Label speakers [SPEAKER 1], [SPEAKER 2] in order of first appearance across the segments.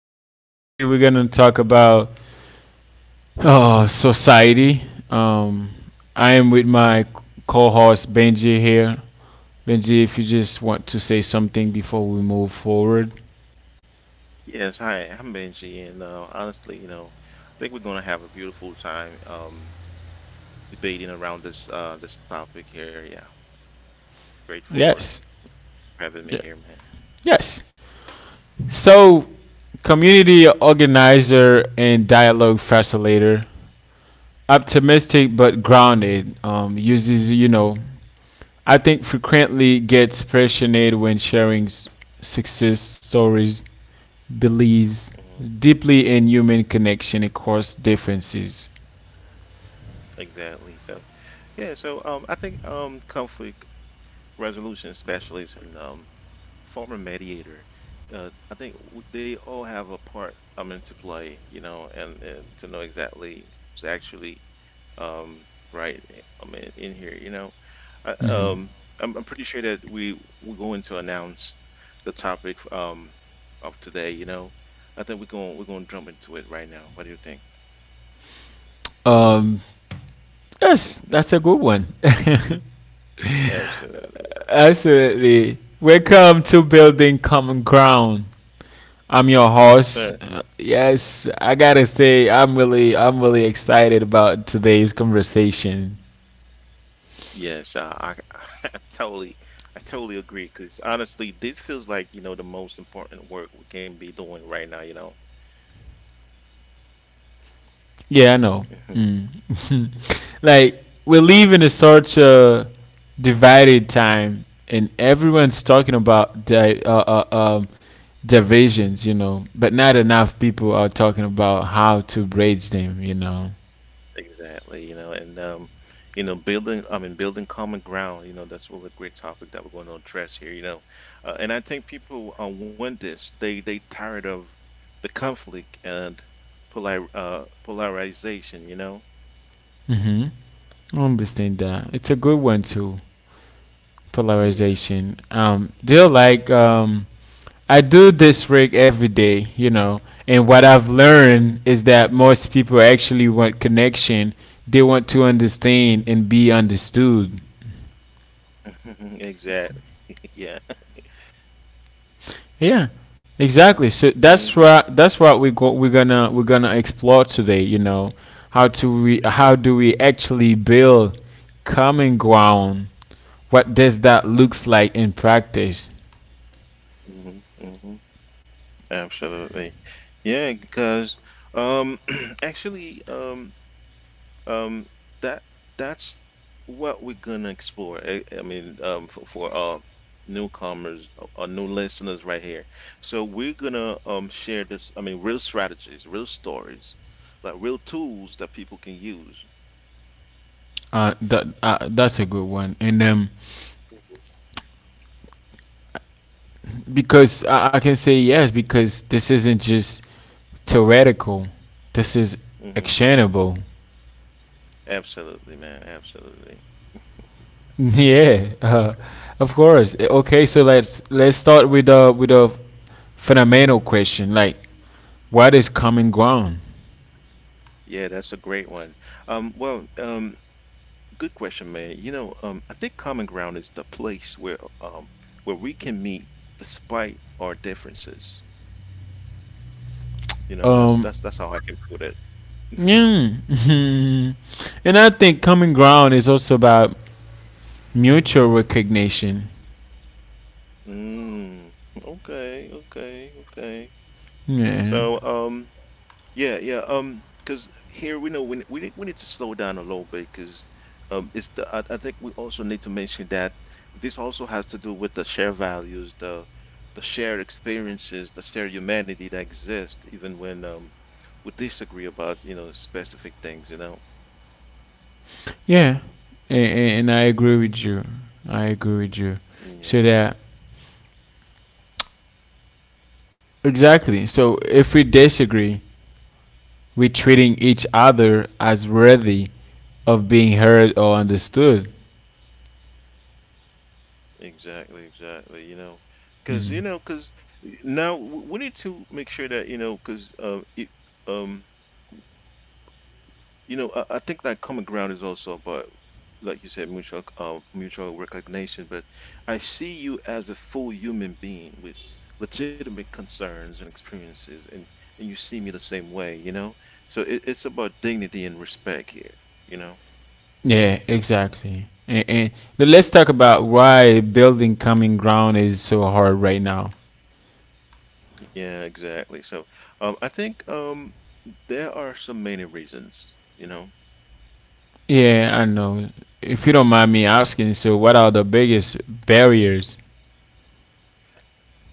[SPEAKER 1] back. Today we're going to talk about society. Um, I
[SPEAKER 2] Um,
[SPEAKER 1] am with my co host Benji here. Benji, if you just want to say something before we move forward.
[SPEAKER 2] yes, hi, I'm Benji, and honestly, I think we're gonna have a beautiful time debating around this topic here. Yeah, great for
[SPEAKER 1] Yes.
[SPEAKER 2] having me
[SPEAKER 1] Ye-
[SPEAKER 2] here, man.
[SPEAKER 1] Yes. So, community organizer and dialogue facilitator, optimistic but grounded, uses, I think frequently gets passionate when sharing success stories believes
[SPEAKER 2] Mhm.
[SPEAKER 1] deeply in human connection across differences.
[SPEAKER 2] Exactly. So, yeah, so I think comfort resolution specialists and former mediator. I think they all have a part, I mean, to play, and to know exactly who's actually um, right. I mean, in here, I, um, I'm pretty sure that we're going to announce the topic of today. I think we're going to jump into it right now. What do you think?
[SPEAKER 1] Um, yes, that's a good one.
[SPEAKER 2] Absolutely,
[SPEAKER 1] Absolutely. Welcome to Building Common Ground. I'm your
[SPEAKER 2] yes,
[SPEAKER 1] host.
[SPEAKER 2] sir.
[SPEAKER 1] Yes, I gotta say, I'm really excited about today's conversation.
[SPEAKER 2] Yes, I totally, I totally agree. Because honestly, this feels like, the most important work we can be doing right now.
[SPEAKER 1] Yeah, I know.
[SPEAKER 2] Mhm.
[SPEAKER 1] Mm. Like we're living in such a divided time, and everyone's talking about um, divisions, you know, but not enough people are talking about how to bridge them, you know.
[SPEAKER 2] Exactly, and I mean, building common ground, that's really a great topic that we're going to address here. And I think people want this. They tired of the conflict and polarization.
[SPEAKER 1] Hmm. I understand that. It's a good one too.
[SPEAKER 2] Yeah,
[SPEAKER 1] Polarization. Do you like I do this rig every day, you know, and what I've learned is that most people actually want connection. They want to understand and be understood.
[SPEAKER 2] exactly. Yeah,
[SPEAKER 1] Yeah, exactly. So that's
[SPEAKER 2] hmm
[SPEAKER 1] what that's what we're gonna explore today. You know, how
[SPEAKER 2] exactly.
[SPEAKER 1] do we actually build common ground? What does that looks like in practice?
[SPEAKER 2] hmm hmm Absolutely. Yeah, because um actually um that that's what we're gonna explore. I mean for newcomers new listeners right here. So we're gonna share this, I mean, real strategies, real stories, like real tools that people can use.
[SPEAKER 1] That's a good one, and because I can say yes because this isn't just theoretical. This is
[SPEAKER 2] Mm-hmm.
[SPEAKER 1] actionable.
[SPEAKER 2] Absolutely, man. Absolutely.
[SPEAKER 1] Yeah,
[SPEAKER 2] All right.
[SPEAKER 1] of course. Okay, so let's start with a fundamental question like what is common ground?
[SPEAKER 2] Yeah, that's a great one. Well, good question, man. I think common ground is the place where we can meet despite our differences. That's
[SPEAKER 1] Um,
[SPEAKER 2] that's that's how I can put it.
[SPEAKER 1] mm, and I think common ground is also about mutual recognition.
[SPEAKER 2] Mm, okay, okay, okay.
[SPEAKER 1] Yeah,
[SPEAKER 2] So, yeah, yeah. Because here we know we need to slow down a little bit because it's the I think we also need to mention that this also has to do with the shared values, the shared experiences, the shared humanity that exists even when we disagree about specific things.
[SPEAKER 1] yeah, and, and I agree with you. I agree with you.
[SPEAKER 2] Yeah.
[SPEAKER 1] So that exactly. So if we disagree, we're
[SPEAKER 2] hmm
[SPEAKER 1] treating each other as worthy of being heard or understood.
[SPEAKER 2] Exactly, exactly. Because
[SPEAKER 1] Mhm.
[SPEAKER 2] because now we need to make sure that because um. I think that common ground is also about, like you said, mutual recognition. But I see you as a full human being with legitimate concerns and experiences, and you see me the same way. So it's about dignity and respect here. You know,
[SPEAKER 1] Yeah, exactly. And but let's talk about why building common ground is so hard right now.
[SPEAKER 2] yeah, exactly. So, I think there are some many reasons.
[SPEAKER 1] Yeah, I know. If you don't mind me asking, so what are the biggest barriers?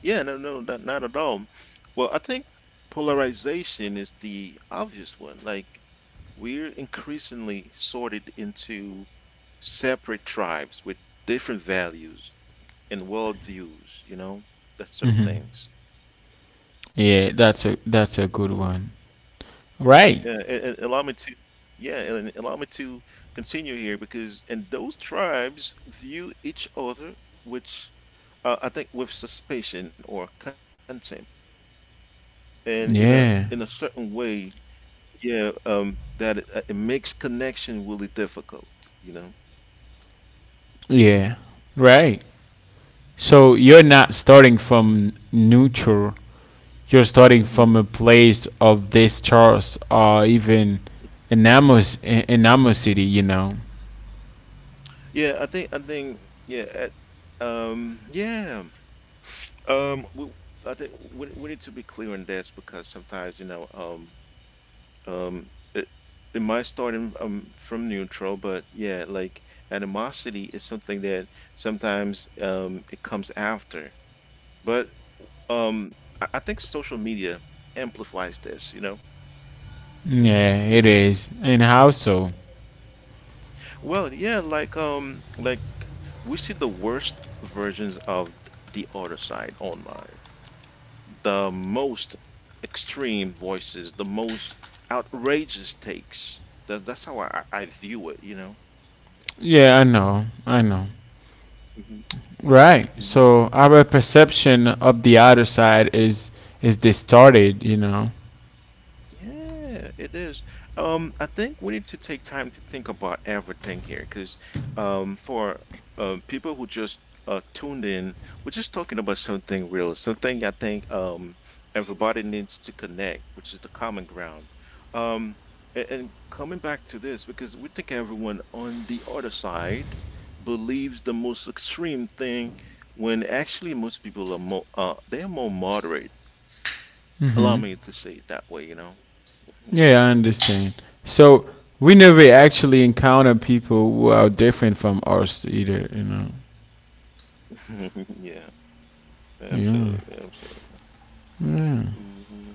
[SPEAKER 2] Yeah, no, no, not at all. Well, I think polarization is the obvious one. Like we're increasingly sorted into separate tribes with different values and worldviews, that sort of
[SPEAKER 1] Hmm.
[SPEAKER 2] things.
[SPEAKER 1] Yeah, that's a
[SPEAKER 2] Mm.
[SPEAKER 1] good one.
[SPEAKER 2] Yeah,
[SPEAKER 1] Right.
[SPEAKER 2] and yeah, and allow me to continue here, because and those tribes view each other, which I think with suspicion or contempt, and in a
[SPEAKER 1] Yeah.
[SPEAKER 2] certain way, yeah, that it makes connection really difficult, you know.
[SPEAKER 1] Yeah. Right. So you're not starting from neutral. You're starting
[SPEAKER 2] Mm-hmm.
[SPEAKER 1] from a place of this Charles or even Enamos Enamos City, you know.
[SPEAKER 2] Yeah, I think yeah, um, we, I think we need to be clear on this, because sometimes um, it it might start from neutral, but yeah, like animosity is something that sometimes it comes after, but um, I think social media amplifies this.
[SPEAKER 1] Yeah, it is. And how so?
[SPEAKER 2] Well, yeah, like we see the worst versions of the other side online, the most extreme voices, the most outrageous takes. That's how I view it.
[SPEAKER 1] Yeah, I know. I know.
[SPEAKER 2] Mhm.
[SPEAKER 1] Right. So our perception of the other side is distorted, you know.
[SPEAKER 2] Yeah, it is. I think we need to take time to think about everything here, because for people who just tuned in, we're just talking about something real, something I think everybody needs to connect, which is the common ground. Um, and, coming back to this, because we think everyone on the other side believes the most extreme thing, when actually most people are more they are more moderate. Allow me to say it that way. Mm-hmm.
[SPEAKER 1] Yeah, I understand. So we never actually encounter people who are different from us either, you know.
[SPEAKER 2] Yeah,
[SPEAKER 1] Yeah.
[SPEAKER 2] absolutely, absolutely. Hmm.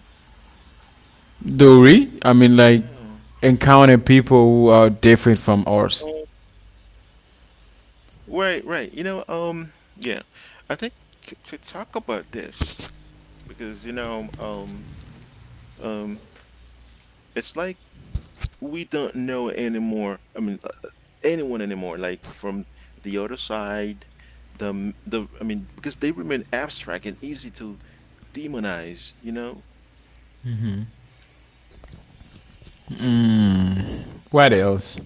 [SPEAKER 1] Do we? I mean like
[SPEAKER 2] Yeah.
[SPEAKER 1] encounter people who are different from
[SPEAKER 2] Um,
[SPEAKER 1] us.
[SPEAKER 2] right, right. Yeah. I think t to talk about this, because um, it's like we don't know anymore. I mean, anyone anymore. Like from the other side, the m- the. I mean, because they remain abstract and easy to demonize.
[SPEAKER 1] What else?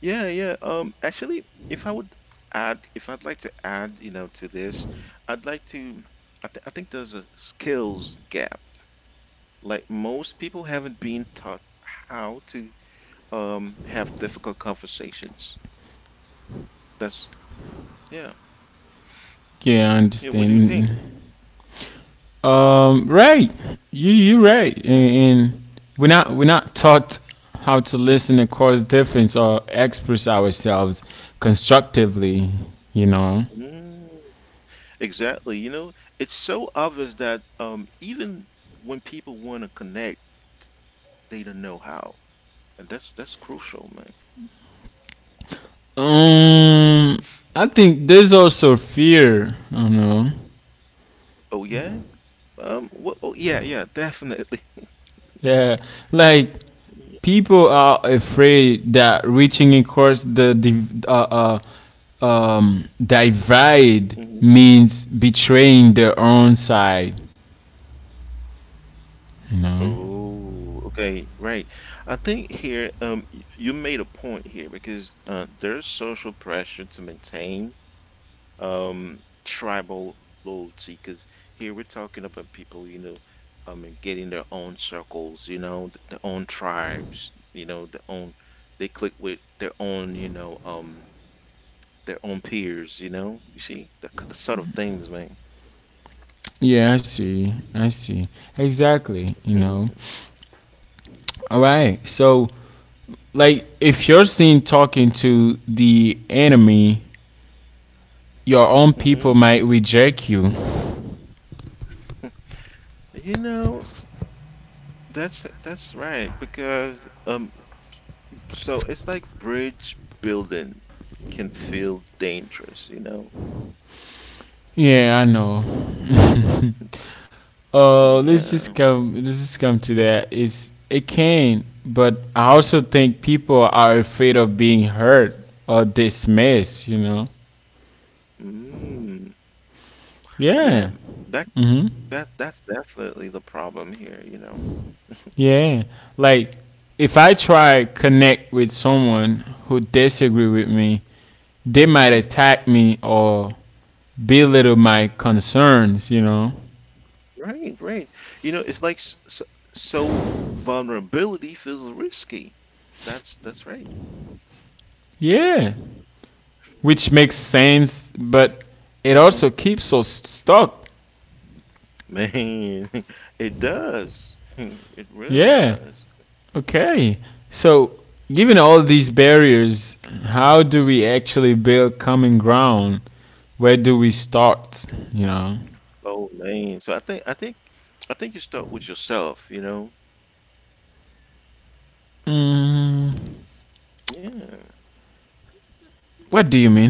[SPEAKER 2] Yeah, yeah. Actually, if I'd like to add, to this, I'd like to, I think there's a skills gap. Like most people haven't been taught how to have difficult conversations. That's, yeah.
[SPEAKER 1] Yeah, I
[SPEAKER 2] Yeah, what do you think?
[SPEAKER 1] understand. Right. You right.
[SPEAKER 2] Hmm.
[SPEAKER 1] And we're not taught how to listen and cause difference or express ourselves constructively. You know.
[SPEAKER 2] Mm, exactly. It's so obvious that even when people want to connect, they don't know how. And that's crucial, man.
[SPEAKER 1] Um, I think there's also fear. I don't know.
[SPEAKER 2] Oh yeah. Well, oh, yeah, yeah, definitely.
[SPEAKER 1] Yeah, like
[SPEAKER 2] Yeah,
[SPEAKER 1] people are afraid that reaching across the divide
[SPEAKER 2] mhm.
[SPEAKER 1] means betraying their own side.
[SPEAKER 2] Oh, okay, right. I think here, you made a point here because there's social pressure to maintain um tribal loyalty. Because here we're talking about people, I mean, getting their own circles, their own tribes, their own. They click with their own, their own peers, you know. You see the sort of things, man.
[SPEAKER 1] Yeah, I see. I see. Exactly. You
[SPEAKER 2] hmm
[SPEAKER 1] know. All right. So, like, if you're seen talking to the enemy, your own
[SPEAKER 2] hmm
[SPEAKER 1] people might reject you.
[SPEAKER 2] You know, that's right, because so it's like bridge building can feel dangerous, you know?
[SPEAKER 1] Yeah, I know.
[SPEAKER 2] Yeah.
[SPEAKER 1] Let's just come to that. It's it can, but I also think people are afraid of being hurt or dismissed. You know.
[SPEAKER 2] Mm. Yeah.
[SPEAKER 1] Yeah.
[SPEAKER 2] That
[SPEAKER 1] Hmm.
[SPEAKER 2] that's definitely the problem here.
[SPEAKER 1] Yeah. Like if I try connect with someone who disagree with me, they might
[SPEAKER 2] hmm
[SPEAKER 1] attack me or belittle my concerns. You know.
[SPEAKER 2] Right, right. It's like so vulnerability feels risky. That's right.
[SPEAKER 1] Yeah. Which makes sense, but it
[SPEAKER 2] hmm
[SPEAKER 1] also keeps us stuck.
[SPEAKER 2] Man, it does. It really
[SPEAKER 1] Yeah.
[SPEAKER 2] does.
[SPEAKER 1] Okay. So, given all these
[SPEAKER 2] Mhm.
[SPEAKER 1] barriers, how do we actually build common ground? Where do we start? You know.
[SPEAKER 2] Oh man. So I think you start with yourself, you know?
[SPEAKER 1] Mm,
[SPEAKER 2] Yeah.
[SPEAKER 1] what do you mean?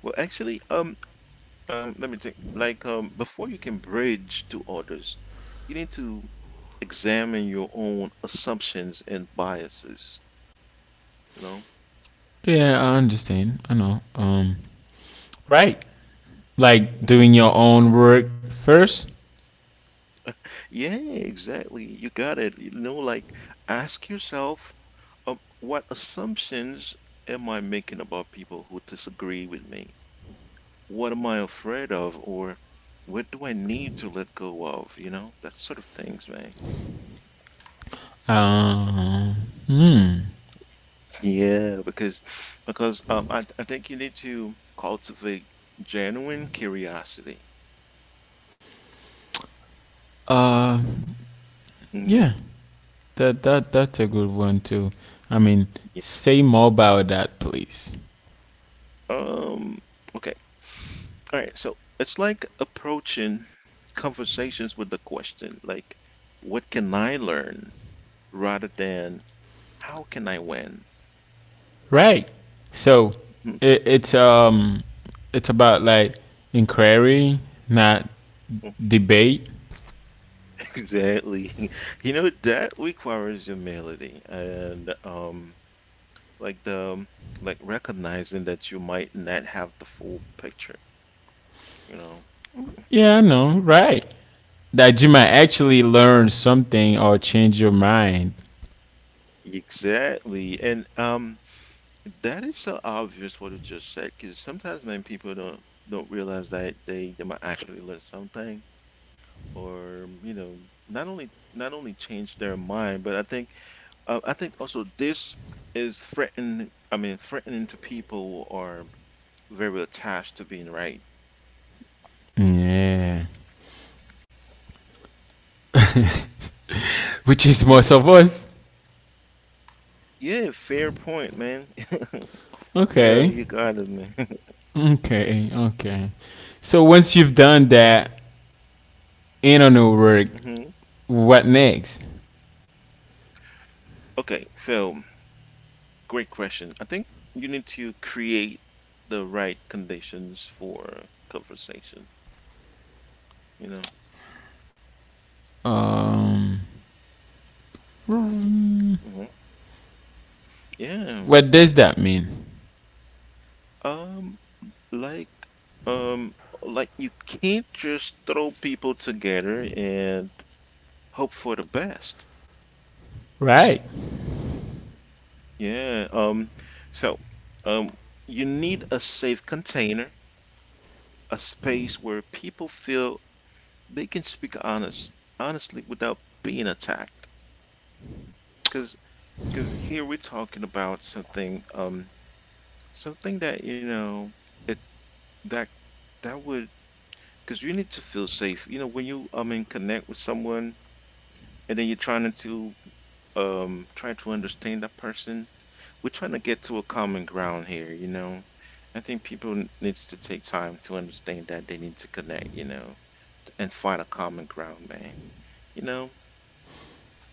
[SPEAKER 2] Well, actually, let me think. Like, before you can bridge to others, you need to examine your own assumptions and biases, you know?
[SPEAKER 1] Yeah, I understand. I know. Right. Like
[SPEAKER 2] Hmm.
[SPEAKER 1] doing your own work first.
[SPEAKER 2] Yeah, exactly. You got it. Like ask yourself, what assumptions am I making about people who disagree with me? What am I afraid of, or what do I need to let go of? That sort of things, man.
[SPEAKER 1] Um. Hmm.
[SPEAKER 2] Yeah, because I think you need to cultivate genuine curiosity.
[SPEAKER 1] Uh. Yeah.
[SPEAKER 2] Hmm.
[SPEAKER 1] That's a good one too. I mean,
[SPEAKER 2] Yeah.
[SPEAKER 1] say more about that, please.
[SPEAKER 2] Um okay. All right, so it's like approaching conversations with the question like, what can I learn, rather than how can I win?
[SPEAKER 1] Right. So
[SPEAKER 2] Hmm.
[SPEAKER 1] it's it's about like inquiry, not debate.
[SPEAKER 2] Exactly. That requires humility and like the um, like recognizing that you might not have the full picture, you know.
[SPEAKER 1] Yeah, no, right. That you might actually learn something or change your mind.
[SPEAKER 2] Exactly. And that is so obvious what you just said, because sometimes when people don't realize that they might actually learn something, or not only change their mind, but I think also this is threatening, I mean, threatening to people, or very attached to being right.
[SPEAKER 1] Yeah. Which is
[SPEAKER 2] hmm
[SPEAKER 1] most of us.
[SPEAKER 2] Yeah, fair point, man. Yeah,
[SPEAKER 1] Okay.
[SPEAKER 2] you got it, man.
[SPEAKER 1] Okay. Okay. So once you've done that internal work,
[SPEAKER 2] hmm
[SPEAKER 1] what next?
[SPEAKER 2] Okay, so great question. I think you need to create the right conditions for conversation, you know. Hmm. Yeah.
[SPEAKER 1] What does that mean?
[SPEAKER 2] Um, like um like you can't just throw people together and hope for the best, you
[SPEAKER 1] Right.
[SPEAKER 2] see? Yeah. So um you need a safe container, a space where people feel they can speak honestly without being attacked, because here we're talking about something something that, it that that would. Because you need to feel safe, when you, I mean, connect with someone, and then you're trying to try to understand that person. We're trying to get to a common ground here, I think people needs to take time to understand that they need to connect, and find a common ground, man, you know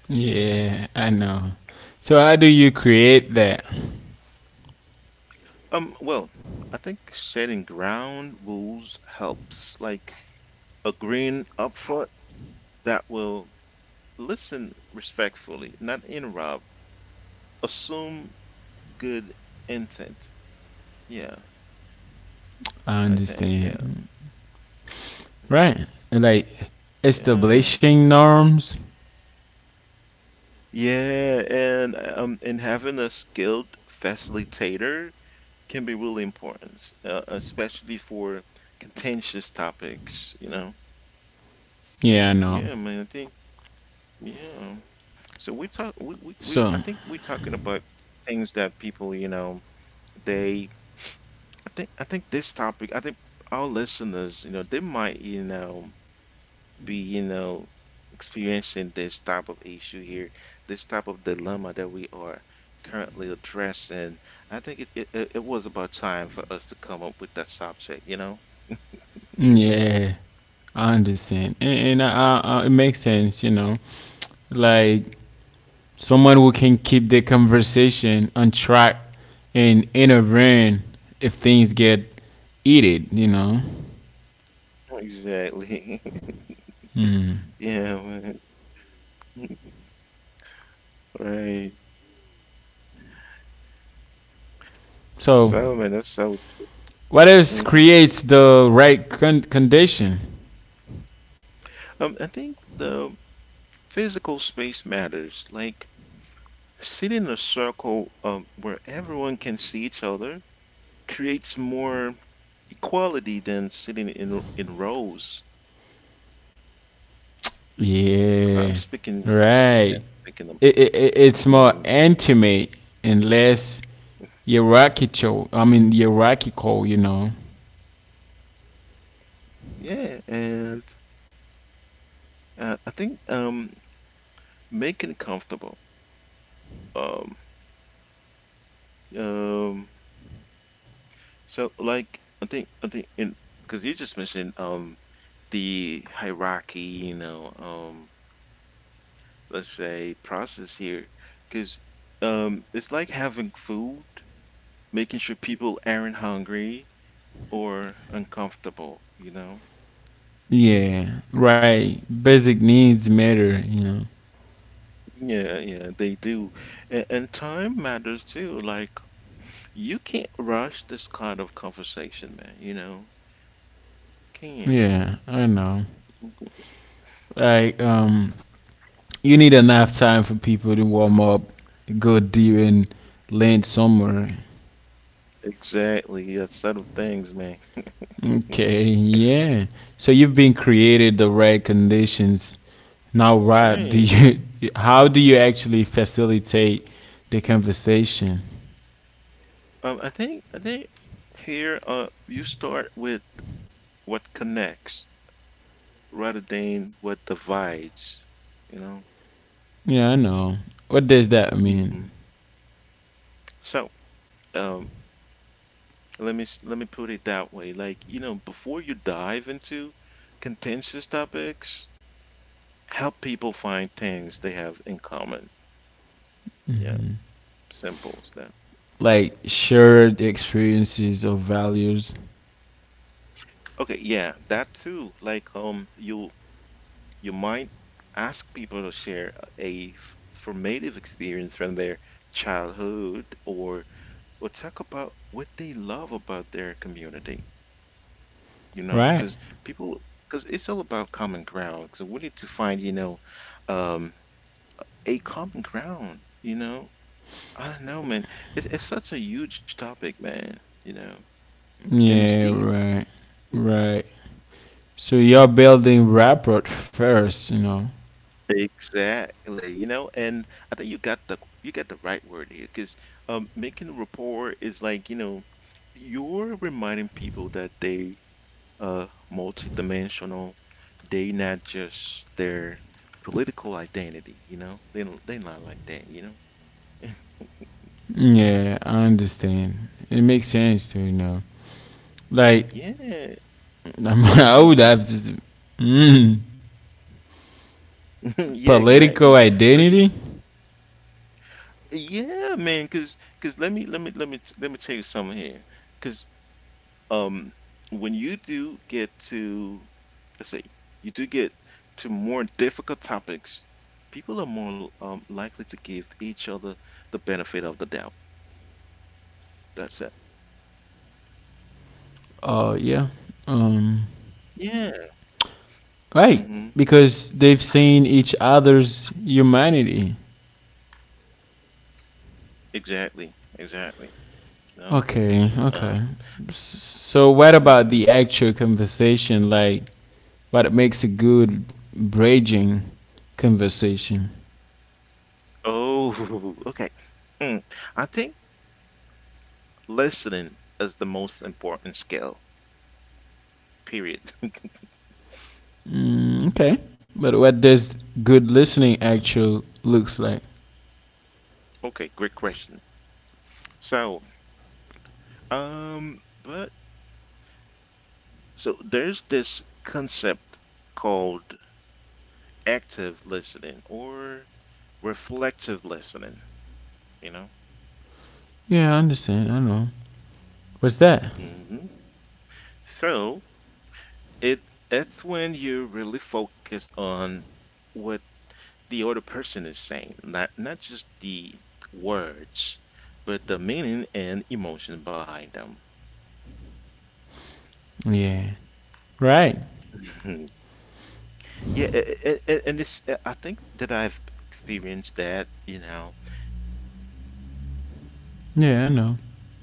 [SPEAKER 1] Yeah, I know. So how do you create that?
[SPEAKER 2] Well, I think setting ground rules helps, like agreeing upfront that will listen respectfully, not interrupt, assume good intent. Yeah,
[SPEAKER 1] I
[SPEAKER 2] I think, yeah.
[SPEAKER 1] understand.
[SPEAKER 2] Mhm.
[SPEAKER 1] Right. Like
[SPEAKER 2] Yeah.
[SPEAKER 1] establishing norms.
[SPEAKER 2] Yeah, and and having a skilled facilitator can be really important, especially for contentious topics.
[SPEAKER 1] Yeah, I know.
[SPEAKER 2] Yeah, man, I think, yeah. So we talk we
[SPEAKER 1] So,
[SPEAKER 2] I think we're talking about things that people, they I think this topic, I think our listeners, they might, be, experiencing this type of issue here, this type of dilemma that we are currently addressing. I think it was about time for us to come up with that subject, you know?
[SPEAKER 1] yeah, I understand. And it makes sense, you know. Like someone who can keep the conversation on track and intervene if things get heated, you know.
[SPEAKER 2] Exactly. Yeah, man. Right.
[SPEAKER 1] So,
[SPEAKER 2] Some and that's out.
[SPEAKER 1] what else
[SPEAKER 2] hmm
[SPEAKER 1] creates the right condition?
[SPEAKER 2] I think the physical space matters. Like sitting in a circle where everyone can see each other creates more equality than sitting in rows. I'm
[SPEAKER 1] Yeah,
[SPEAKER 2] speaking, yeah,
[SPEAKER 1] right.
[SPEAKER 2] I'm speaking of,
[SPEAKER 1] It's
[SPEAKER 2] yeah,
[SPEAKER 1] more intimate and less hierarchical, you know.
[SPEAKER 2] yeah, and I think, making it comfortable. Um, um, so, like, I think in, because you just mentioned the hierarchy. Let's say process here, because it's like having food, making sure people aren't hungry or uncomfortable, you know.
[SPEAKER 1] Yeah, right. Basic needs matter, you know.
[SPEAKER 2] Yeah, yeah, they do. And time matters too, like, you can't rush this kind of conversation, man, you know. You can't.
[SPEAKER 1] Yeah, I know. Like, you need enough time for people to warm up, go deep,
[SPEAKER 2] Mhm.
[SPEAKER 1] and land somewhere.
[SPEAKER 2] Exactly, that set of things, man.
[SPEAKER 1] Okay, yeah. So you've been created the right conditions. Now, Rob, do
[SPEAKER 2] Right.
[SPEAKER 1] you how do you actually facilitate the conversation?
[SPEAKER 2] I think here, you start with what connects rather than what divides, you know.
[SPEAKER 1] Yeah, I know. What does that mean?
[SPEAKER 2] hmm So, um, let me put it that way. Like, before you dive into contentious topics, help people find things they have in common. Yeah, simple as that.
[SPEAKER 1] Like shared experiences or values,
[SPEAKER 2] Okay, yeah, that too. Like, you might ask people to share a formative experience from their childhood, or talk about what they love about their community, you know,
[SPEAKER 1] right?
[SPEAKER 2] people, because it's all about common ground. So we need to find, um, a common ground, you know. I don't know, man. It's such a huge topic, man, you know, and it's
[SPEAKER 1] Yeah,
[SPEAKER 2] deep.
[SPEAKER 1] right. Right. So you're building rapport first, you know.
[SPEAKER 2] Exactly, you know, and I think you got the right word here, because making a rapport is like, you know, you're reminding people that they, uh multidimensional, they not just their political identity, you know, they're not like that, you know.
[SPEAKER 1] Yeah, I understand. It makes sense to you know. Like
[SPEAKER 2] Yeah.
[SPEAKER 1] I would
[SPEAKER 2] hmm
[SPEAKER 1] have to. Mm.
[SPEAKER 2] Yeah, exactly.
[SPEAKER 1] Political
[SPEAKER 2] So you,
[SPEAKER 1] identity.
[SPEAKER 2] yeah, man, cause let me tell you something here. Cause, um, when you do get to, let's say, you do get to more difficult topics, people are more likely to give each other the benefit of the doubt. That's it.
[SPEAKER 1] Oh yeah. Um,
[SPEAKER 2] Yeah.
[SPEAKER 1] right,
[SPEAKER 2] Mm-hmm.
[SPEAKER 1] because they've seen each other's humanity.
[SPEAKER 2] Exactly. Exactly. You know.
[SPEAKER 1] Okay,
[SPEAKER 2] Uh.
[SPEAKER 1] okay. So what about
[SPEAKER 2] hmm
[SPEAKER 1] the actual conversation? Like, what makes a good bridging conversation?
[SPEAKER 2] Oh. Okay. Mm. I think. Listening is the most important skill, period.
[SPEAKER 1] Mm, okay, but what does good listening actual looks like?
[SPEAKER 2] Okay, great question. So, but so there's this concept called active listening or reflective listening, you know?
[SPEAKER 1] Yeah, I understand. I know. What's that?
[SPEAKER 2] hmm So it it's when you really focus on what the other person is saying, not just the words, but the meaning and emotion behind them.
[SPEAKER 1] Yeah. Right.
[SPEAKER 2] Yeah, and it's, I think that I've experienced that, you know, in in such a
[SPEAKER 1] Yeah, I know.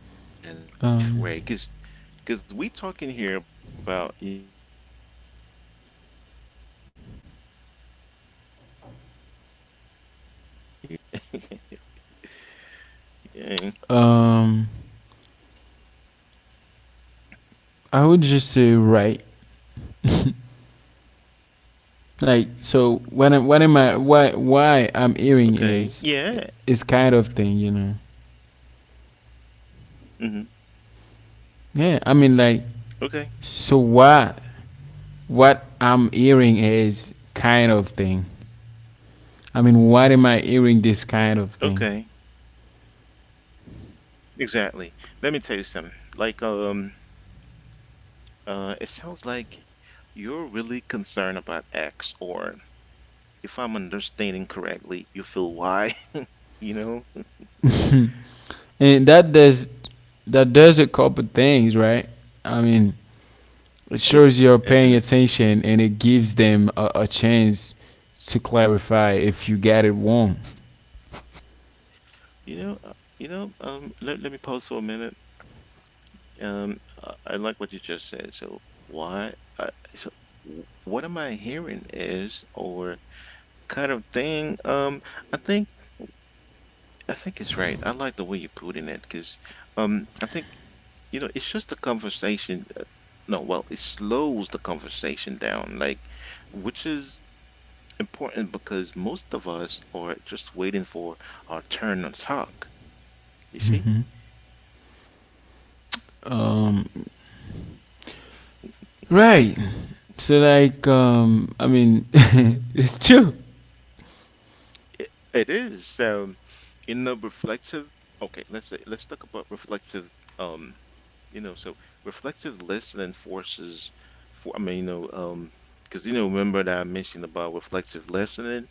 [SPEAKER 2] brief way, because
[SPEAKER 1] Um.
[SPEAKER 2] because we talking here about, you know, we can't talk about common ground without talking about community, you know, and that, and it's huge, man. Yeah,
[SPEAKER 1] Um. I would just say right. Like so When I, what am I why
[SPEAKER 2] okay,
[SPEAKER 1] I'm hearing
[SPEAKER 2] yeah,
[SPEAKER 1] is kind of thing, you know.
[SPEAKER 2] hmm
[SPEAKER 1] Yeah. I mean like
[SPEAKER 2] okay,
[SPEAKER 1] so why what I'm hearing is kind of thing. I mean why am I hearing this kind of
[SPEAKER 2] okay,
[SPEAKER 1] thing?
[SPEAKER 2] exactly. Let me tell you something. Like, it sounds like you're really concerned about X, or if I'm understanding correctly, you feel why, you know?
[SPEAKER 1] And that does a couple things, right? I mean it
[SPEAKER 2] It,
[SPEAKER 1] shows you're paying
[SPEAKER 2] uh
[SPEAKER 1] attention and it gives them a chance to clarify if you got it wrong.
[SPEAKER 2] You know, uh, let me pause for a minute. I like what you just said. So why, so what am I hearing, is, or kind of thing, I think, I think it's right. I like the way you're putting it because, I think, you know, it's just a conversation. No, well, it slows the conversation down, like, which is important because most of us are just waiting for our turn on talk. You see?
[SPEAKER 1] Right. So like I mean it's true.
[SPEAKER 2] It is. So in the reflective, okay, let's say let's talk about reflective, um you know, so reflective listening forces for, I mean, you know, because you know, remember that I mentioned about reflective listening?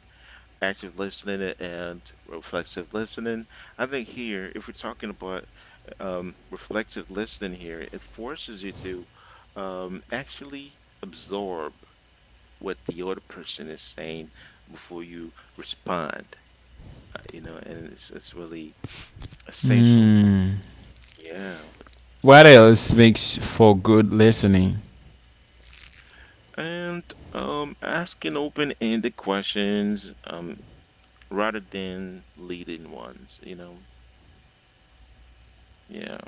[SPEAKER 2] Active listening and reflexive listening. I think here, if we're talking about reflexive listening here, it forces you to, actually absorb what the other person is saying before you respond, you know, and it's really essential.
[SPEAKER 1] Mm.
[SPEAKER 2] Yeah,
[SPEAKER 1] What
[SPEAKER 2] here.
[SPEAKER 1] else makes for good listening
[SPEAKER 2] And asking open-ended questions, rather than leading ones, you know. Yeah.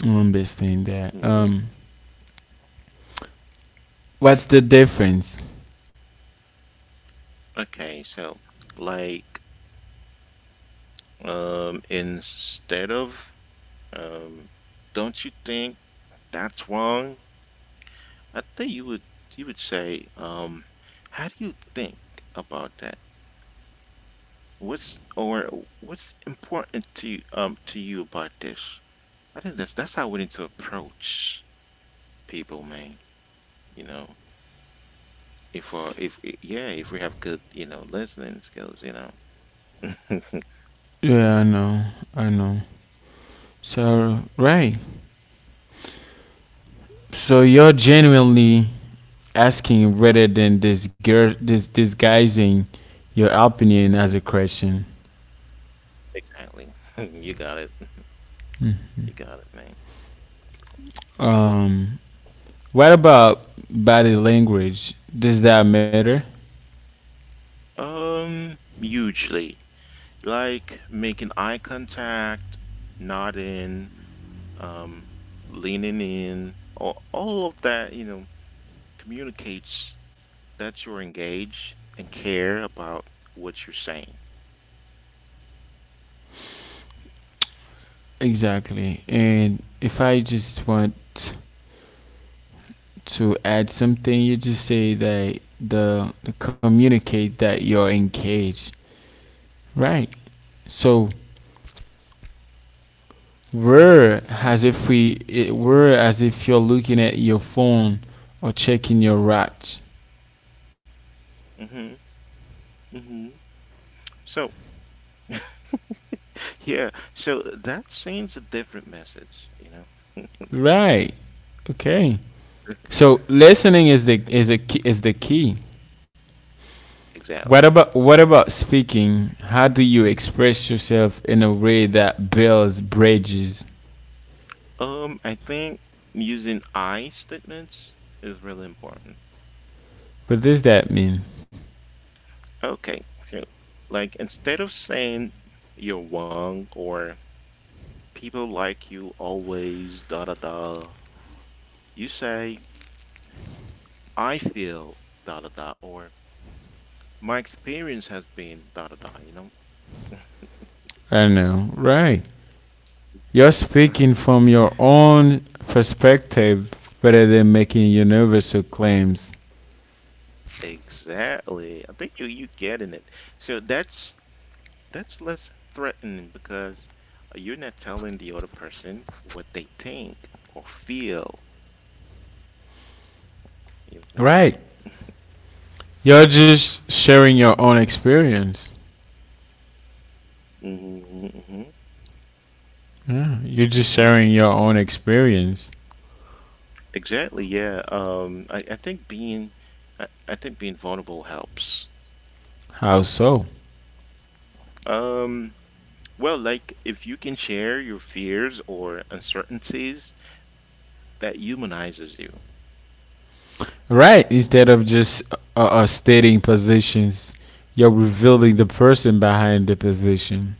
[SPEAKER 1] One best thing there?
[SPEAKER 2] Mhm.
[SPEAKER 1] What's the difference?
[SPEAKER 2] Okay, so, like, instead of, um don't you think that's wrong? I think you would say, how do you think about that? What's, or what's important to you about this? I think that's how we need to approach people, man. You know, if yeah, if we have good, you know, listening skills, you know.
[SPEAKER 1] Yeah, I know. I know. So right. So you're genuinely asking rather than disguising your opinion
[SPEAKER 2] Mhm,
[SPEAKER 1] as a question.
[SPEAKER 2] exactly. You got it. You got it, man.
[SPEAKER 1] Um what about body language? Does that matter?
[SPEAKER 2] Hugely. Like making eye contact, nodding, um, leaning in, all of that, you know, communicates that you're engaged and care about what you're saying.
[SPEAKER 1] Exactly. And if I just want to add something, you just say that the communicate that you're engaged. Right. So
[SPEAKER 2] hmm
[SPEAKER 1] we're as if you're looking at your phone or checking your watch.
[SPEAKER 2] hmm hmm So yeah, so, that sends a different message, you know?
[SPEAKER 1] Right. Okay. So listening is the is a key, is the key.
[SPEAKER 2] Exactly.
[SPEAKER 1] What about speaking? How do you express yourself in a way that builds bridges?
[SPEAKER 2] I think using I statements is really important.
[SPEAKER 1] What does that mean?
[SPEAKER 2] Okay, so like instead of saying you're wrong, or people like you always da da da, you say I feel da da da, or my experience has been da da da, you know?
[SPEAKER 1] I know, right? You're speaking from your own perspective rather than making universal claims.
[SPEAKER 2] Exactly. I think you getting it. So that's less threatening because, you're not telling the other person what they think or feel, you know?
[SPEAKER 1] Right. You're just sharing your own experience.
[SPEAKER 2] hmm hmm
[SPEAKER 1] Yeah, you're just
[SPEAKER 2] hmm
[SPEAKER 1] sharing your own experience.
[SPEAKER 2] Exactly, yeah. I think being vulnerable helps.
[SPEAKER 1] How so?
[SPEAKER 2] Um, well, like, if you can share your fears or uncertainties, that humanizes you.
[SPEAKER 1] Right. Instead of just stating positions, you're revealing the person behind the position.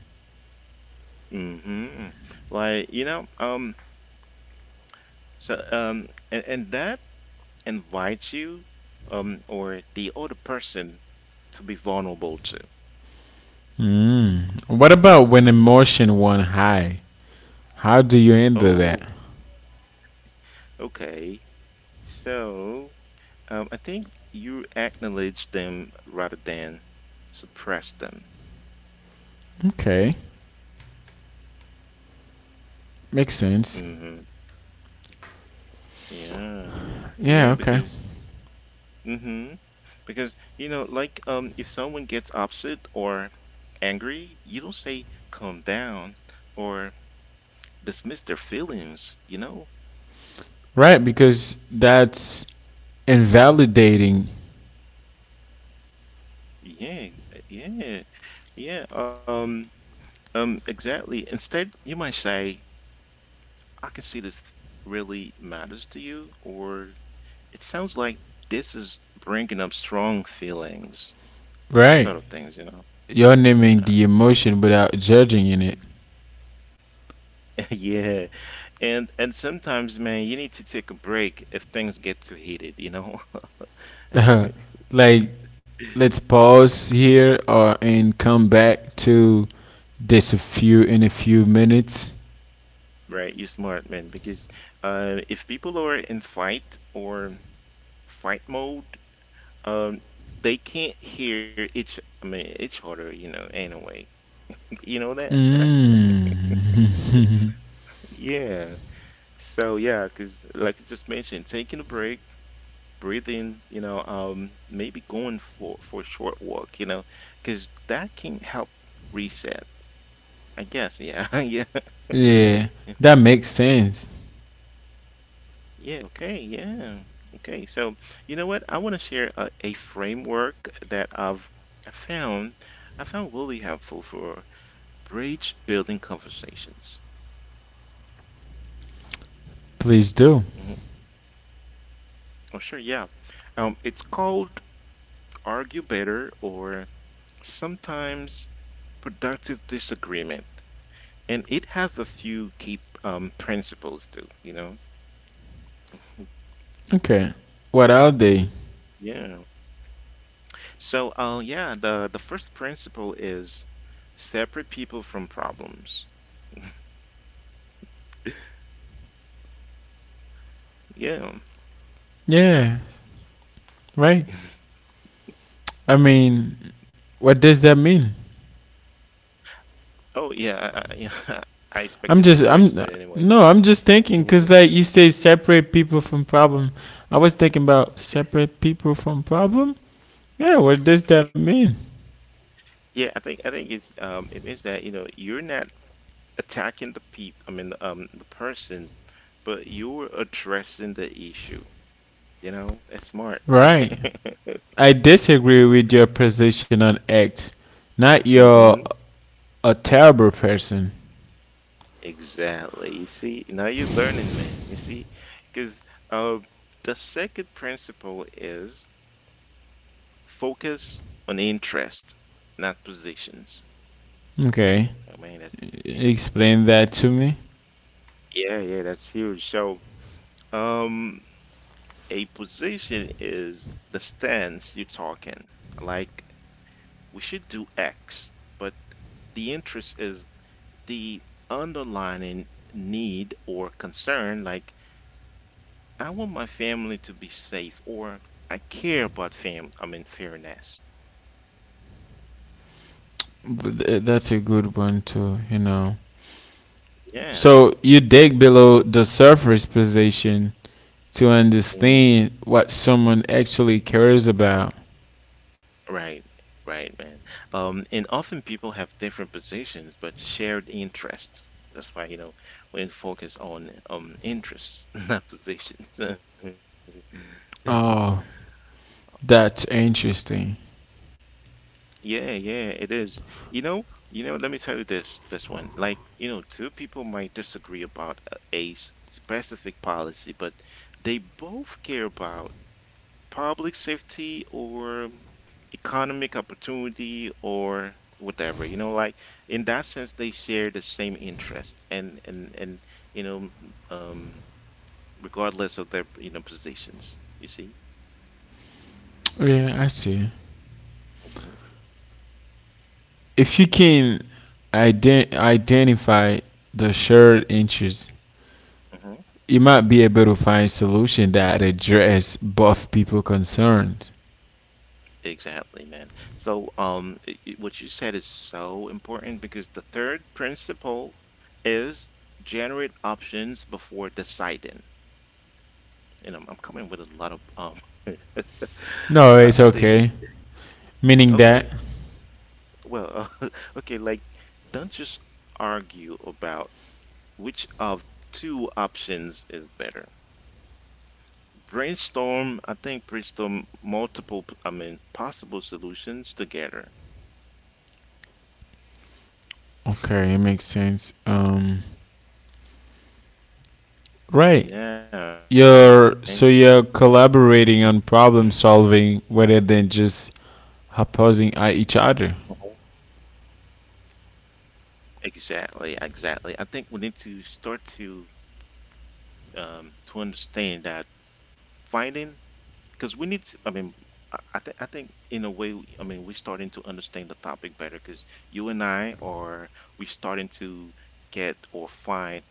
[SPEAKER 2] hmm Like, you know, so um and that invites you, or the other person to be vulnerable to.
[SPEAKER 1] Mm. What about when emotion won high? How do you handle that?
[SPEAKER 2] Oh, okay. So, I think you acknowledge them rather than suppress them.
[SPEAKER 1] Okay. Makes sense.
[SPEAKER 2] Mm-hmm. Yeah.
[SPEAKER 1] Yeah,
[SPEAKER 2] Yeah,
[SPEAKER 1] okay.
[SPEAKER 2] because mm-hmm. Because you know, like, if someone gets upset or angry, you don't say calm down, or dismiss their feelings, you know?
[SPEAKER 1] Right, because that's invalidating,
[SPEAKER 2] Yeah, yeah, yeah. Exactly. Instead, you might say, I can see this really matters to you, or it sounds like this is bringing up strong feelings, that
[SPEAKER 1] right?
[SPEAKER 2] sort of things, you know?
[SPEAKER 1] You're naming
[SPEAKER 2] Yeah,
[SPEAKER 1] the emotion without judging in it.
[SPEAKER 2] yeah. And sometimes, man, you need to take a break if things get too heated, you know?
[SPEAKER 1] like, let's pause here or and come back to this a few in a few minutes.
[SPEAKER 2] Right? You're smart, man, because, if people are in fight or fight mode, um, they can't hear each, I mean, each other, you know, anyway. You know that, right?
[SPEAKER 1] Mm.
[SPEAKER 2] Yeah. So yeah, because like I just mentioned, taking a break, breathing, you know, maybe going for a short walk, you know, because that can help reset, I guess. Yeah, yeah,
[SPEAKER 1] yeah, that makes sense.
[SPEAKER 2] yeah. Okay, yeah. Okay. So you know what? I want to share a framework that I found I found really helpful for bridge building conversations.
[SPEAKER 1] Please do.
[SPEAKER 2] hmm Oh, sure. Yeah. It's called argue better, or sometimes, productive disagreement. And it has a few key, principles too, you know?
[SPEAKER 1] Okay. What are they?
[SPEAKER 2] Yeah. So, yeah, the first principle is separate people from problems. Yeah.
[SPEAKER 1] Yeah, right. I mean, what does that mean?
[SPEAKER 2] Oh, yeah, yeah. I
[SPEAKER 1] I'm
[SPEAKER 2] expected
[SPEAKER 1] just,
[SPEAKER 2] that
[SPEAKER 1] I'm
[SPEAKER 2] question anyway.
[SPEAKER 1] no, I'm just thinking because like you say, separate people from problem. I was thinking about separate people from problem. Yeah, what does that mean?
[SPEAKER 2] Yeah, I think it's, it means that, you know, you're not attacking the peep. I mean the person, but you're addressing the issue. You know, that's smart.
[SPEAKER 1] Right. I disagree with your position on X. Not you're
[SPEAKER 2] Mm-hmm.
[SPEAKER 1] a terrible person.
[SPEAKER 2] Exactly. You see, now you're learning, man. You see, because, uh, the second principle is focus on interest, not positions.
[SPEAKER 1] Okay.
[SPEAKER 2] I mean, that, yeah,
[SPEAKER 1] Explain that to me.
[SPEAKER 2] yeah, yeah, that's huge. So, um, a position is the stance you're talking. Like, we should do X, but the interest is the underlining need or concern. Like, I want my family to be safe, or I care about fam. I mean, fairness.
[SPEAKER 1] But that's a good one too, you know.
[SPEAKER 2] Yeah.
[SPEAKER 1] So you dig below the surface position to
[SPEAKER 2] Mhm.
[SPEAKER 1] understand what someone actually cares about.
[SPEAKER 2] Right. Right, man. And often people have different positions but shared interests. That's why, you know, we focus on, interests, not positions.
[SPEAKER 1] That's interesting.
[SPEAKER 2] Yeah, yeah, it is. You know, Let me tell you this one. Like, you know, two people might disagree about a specific policy, but they both care about public safety, or economic opportunity, or whatever, you know, like, in that sense they share the same interests, and you know, um regardless of their, you know, positions, you see.
[SPEAKER 1] Yeah, I see.
[SPEAKER 2] hmm
[SPEAKER 1] If you can identify the shared interest,
[SPEAKER 2] hmm
[SPEAKER 1] you might be able to find solution that address both people concerned.
[SPEAKER 2] exactly, man. So, what you said is so important because the third principle is generate options before deciding. You know, I'm coming with a lot of,
[SPEAKER 1] No, it's
[SPEAKER 2] I think,
[SPEAKER 1] okay. Meaning that.
[SPEAKER 2] okay. Well, okay, like, don't just argue about which of two options is better. Brainstorm, I think brainstorm multiple, I mean, possible solutions together.
[SPEAKER 1] Okay, it makes sense. Right.
[SPEAKER 2] Yeah, man.
[SPEAKER 1] You're collaborating on problem solving rather than just opposing at
[SPEAKER 2] Mhm.
[SPEAKER 1] each other.
[SPEAKER 2] Exactly, exactly. I think we need to start to, to understand that finding, because we need to, I mean, I think in a way, I mean, we're starting to understand the topic better because you and I are, we are starting to get or find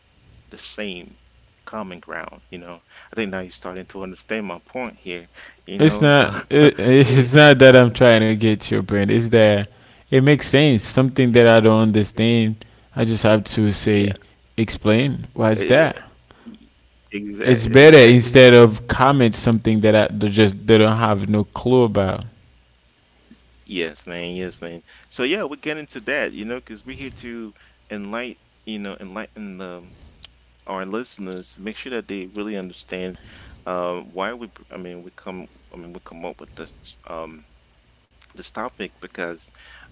[SPEAKER 2] the same common ground, you know. I think now you're starting to understand my point here, you
[SPEAKER 1] It's
[SPEAKER 2] know.
[SPEAKER 1] not.
[SPEAKER 2] Eh,
[SPEAKER 1] It's not that I'm trying to get your brain. It's that it makes sense. Something that I don't understand, I just have to say,
[SPEAKER 2] yeah,
[SPEAKER 1] explain. Why's that? It's
[SPEAKER 2] exactly,
[SPEAKER 1] better
[SPEAKER 2] exactly.
[SPEAKER 1] instead of comment something that I that just they don't have no clue about.
[SPEAKER 2] Yes, man. Yes, man. So yeah, we're getting to that, you know, because we're here to enlighten, enlighten the our listeners, make sure that they really understand why we come up with this this topic because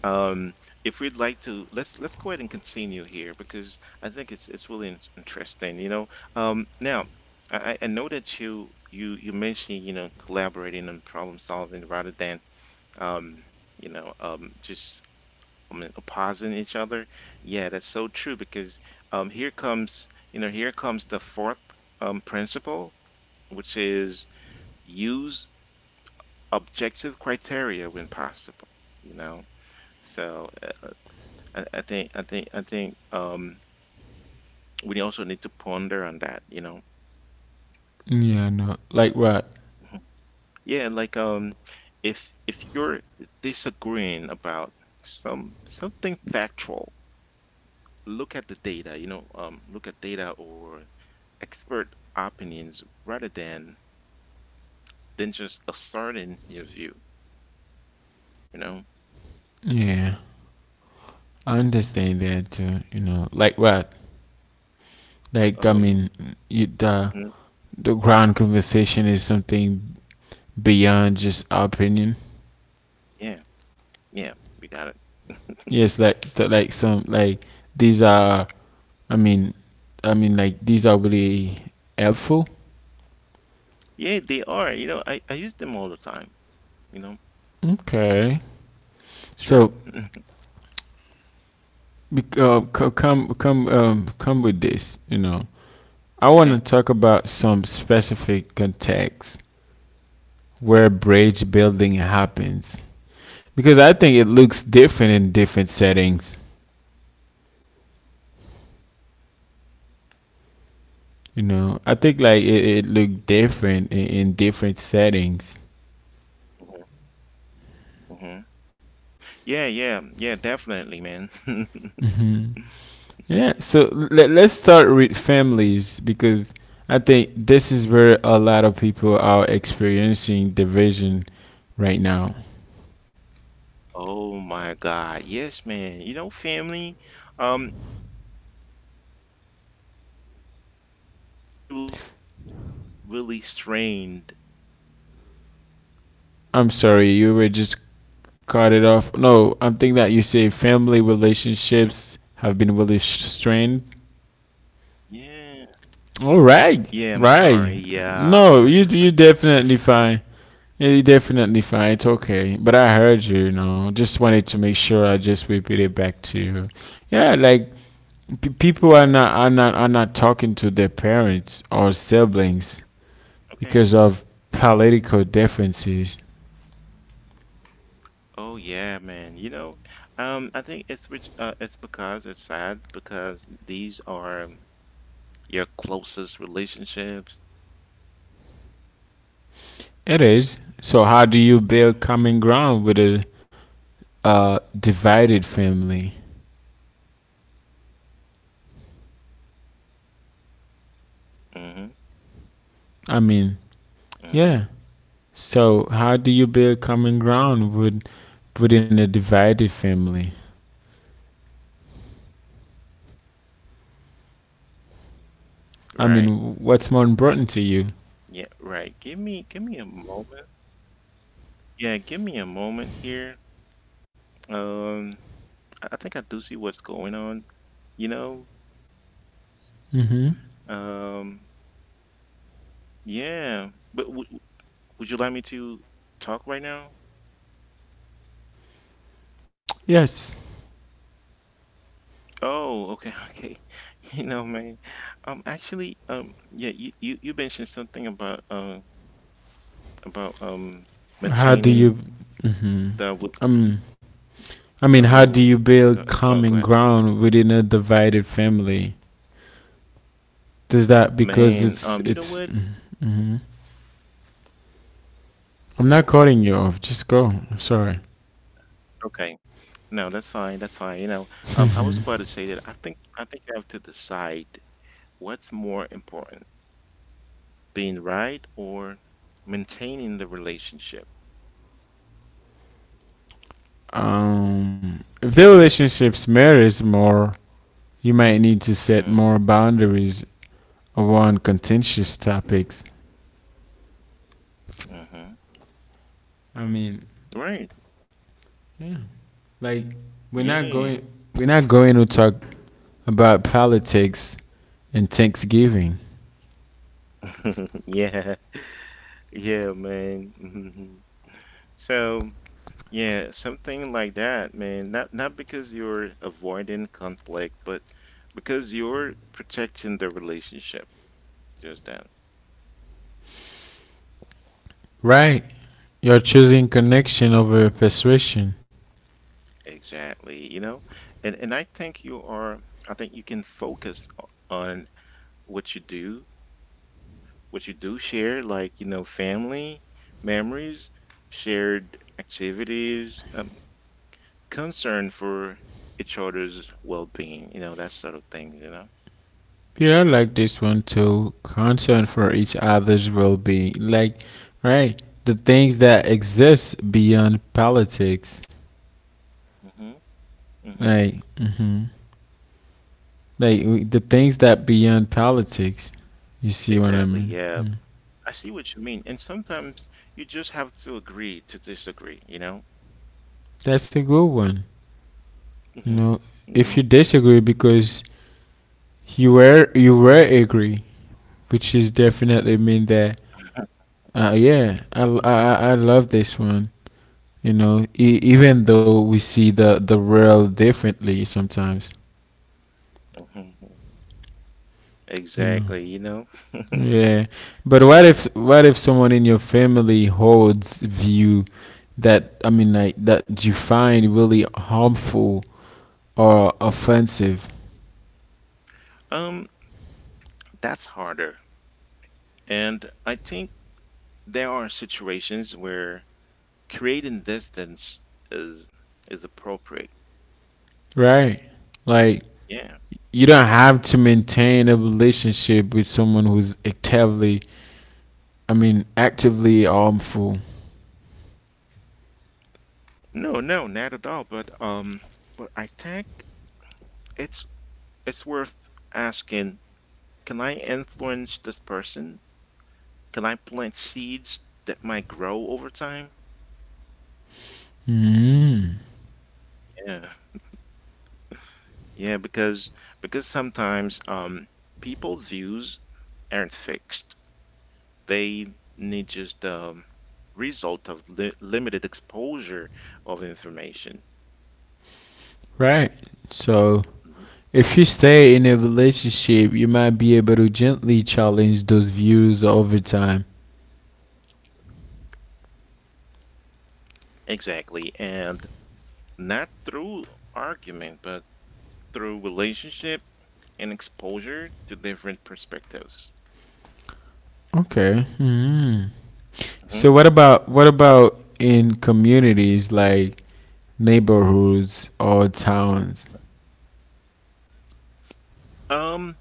[SPEAKER 2] um, if we'd like to, let's go ahead and continue here because I think it's it's really interesting, you know. Now, I know that you mentioned, you know, collaborating and problem solving rather than, um, just pausing each other. Yeah, that's so true because, here comes, you know, here comes the fourth principle, which is use objective criteria when possible. You know, so I think I think I think we also need to ponder on that. You know.
[SPEAKER 1] Yeah, no. Like what?
[SPEAKER 2] Mhm. Yeah, like, if you're disagreeing about something factual, look at the data. You know, look at data or expert opinions rather than just asserting your view, you know
[SPEAKER 1] Yeah, I understand that too. You know, like what? Like I mean,
[SPEAKER 2] um
[SPEAKER 1] you, the
[SPEAKER 2] mhm.
[SPEAKER 1] ground conversation is something beyond just our opinion.
[SPEAKER 2] Yeah yeah we got it.
[SPEAKER 1] Yes, like like some like these are. I mean, I mean like these are really helpful.
[SPEAKER 2] Yeah, they are. You know, I use them all the time, you know.
[SPEAKER 1] Okay.
[SPEAKER 2] Sure.
[SPEAKER 1] So come with this. You know, I want to
[SPEAKER 2] Okay.
[SPEAKER 1] talk about some specific context where bridge building happens because I think it
[SPEAKER 2] Hmm.
[SPEAKER 1] looks different in different settings. You know, I think like it looked different in different settings.
[SPEAKER 2] Hmm. Yeah, yeah, yeah, definitely, man.
[SPEAKER 1] Yeah, so let, let's start with families because I think this is where a lot of people are experiencing division right now.
[SPEAKER 2] Oh my God. Yes, man. You know, family, it's like family relationships, um, have been really strained.
[SPEAKER 1] I'm sorry, you were just cut it off. No, I'm thinking that you say family relationships have been really strained.
[SPEAKER 2] Yeah.
[SPEAKER 1] All right,
[SPEAKER 2] Yeah, I'm
[SPEAKER 1] right.
[SPEAKER 2] sorry. Yeah.
[SPEAKER 1] No, you you definitely fine. Yeah, you definitely fine. It's okay. But I heard you, you know. Just wanted to make sure I just repeat it back to you. Yeah, like people are
[SPEAKER 2] Yeah.
[SPEAKER 1] not, are not talking to their parents or siblings
[SPEAKER 2] Okay.
[SPEAKER 1] because of political differences.
[SPEAKER 2] Oh yeah, man. You know, I think it's sad because these are your closest relationships. You know.
[SPEAKER 1] It is. So how do you build common ground with a divided family?
[SPEAKER 2] Mm-hmm.
[SPEAKER 1] I
[SPEAKER 2] Mm-hmm.
[SPEAKER 1] mean,
[SPEAKER 2] Yeah.
[SPEAKER 1] yeah.
[SPEAKER 2] Yeah.
[SPEAKER 1] So how do you build common ground within a divided family? I mean,
[SPEAKER 2] Right.
[SPEAKER 1] what's more important to you?
[SPEAKER 2] Yeah. Right. Give me. Give me a moment. Yeah. Give me a moment here. Um. I think I do see what's going on. You know.
[SPEAKER 1] Hmm.
[SPEAKER 2] Um. Yeah. But would you like me to talk right now?
[SPEAKER 1] Yes.
[SPEAKER 2] Oh, okay, okay. You know, man. Actually, yeah, you mentioned something about about um
[SPEAKER 1] How do you?
[SPEAKER 2] maintaining the with
[SPEAKER 1] Um, I mean, how do you
[SPEAKER 2] oh
[SPEAKER 1] build
[SPEAKER 2] go, oh
[SPEAKER 1] common
[SPEAKER 2] go ahead.
[SPEAKER 1] ground within a divided family? Does that because
[SPEAKER 2] Man, you know
[SPEAKER 1] it's
[SPEAKER 2] what?
[SPEAKER 1] I'm not cutting you off. Just go. I'm sorry.
[SPEAKER 2] Okay. No, that's fine, that's fine. You know, I was about to say that I think you have to decide what's more important, being right or maintaining the relationship.
[SPEAKER 1] Um, if the relationships matters more, you might need to set
[SPEAKER 2] Mm-hmm.
[SPEAKER 1] more boundaries around contentious
[SPEAKER 2] Mm-hmm.
[SPEAKER 1] topics.
[SPEAKER 2] Mm-hmm.
[SPEAKER 1] I mean,
[SPEAKER 2] Right.
[SPEAKER 1] yeah. Like we're not
[SPEAKER 2] Yeah.
[SPEAKER 1] going we're not going to talk about politics and Thanksgiving.
[SPEAKER 2] Yeah. Yeah, man. Mhm. So, yeah, something like that, man. Not because you're avoiding conflict, but because you're protecting the relationship. Just that.
[SPEAKER 1] Right. You're choosing connection over persuasion.
[SPEAKER 2] Exactly, you know? And I think you are, I think you can focus on what you do, what you do share, like, you know, family, memories, shared activities, concern for each other's well-being, you know, that sort of things, you know?
[SPEAKER 1] People like this one too. Concern for each other's well being. Like, right, the things that exist beyond politics.
[SPEAKER 2] Mm-hmm. Mhm.
[SPEAKER 1] Like, hmm, the things that beyond politics. You see what I
[SPEAKER 2] Exactly,
[SPEAKER 1] mean?
[SPEAKER 2] yeah.
[SPEAKER 1] Mm.
[SPEAKER 2] I see what you mean, and sometimes you just have to agree to disagree, you know?
[SPEAKER 1] That's a good one. You know,
[SPEAKER 2] Mhm.
[SPEAKER 1] if you
[SPEAKER 2] Mhm.
[SPEAKER 1] disagree because you were agree, which is definitely mean that. Yeah, I love this one. You know, even though we see the world differently sometimes,
[SPEAKER 2] Mhm.
[SPEAKER 1] you know.
[SPEAKER 2] Exactly, you know?
[SPEAKER 1] Yeah. But
[SPEAKER 2] That's
[SPEAKER 1] what
[SPEAKER 2] right.
[SPEAKER 1] if what if someone in your family holds view that I mean like that you find really harmful or offensive,
[SPEAKER 2] Um, that's harder. And I think there are situations where creating distance is is appropriate.
[SPEAKER 1] right? Like
[SPEAKER 2] Yeah.
[SPEAKER 1] you don't have to maintain a relationship with someone who's actively, I mean, actively harmful.
[SPEAKER 2] No, no, not at all. But, I think it's it's worth asking, can I influence this person? Can I plant seeds that might grow over time?
[SPEAKER 1] Mm,
[SPEAKER 2] Yeah. Yeah, because sometimes people's views aren't fixed. They need just result of li limited exposure of information.
[SPEAKER 1] right. So
[SPEAKER 2] Mhm.
[SPEAKER 1] if you stay in a relationship, you might be able to gently challenge those views over time.
[SPEAKER 2] Exactly. And not through argument, but through relationship and exposure to different perspectives.
[SPEAKER 1] Okay. Hmm.
[SPEAKER 2] Mhm.
[SPEAKER 1] So what about in communities like neighborhoods or towns?
[SPEAKER 2] Um,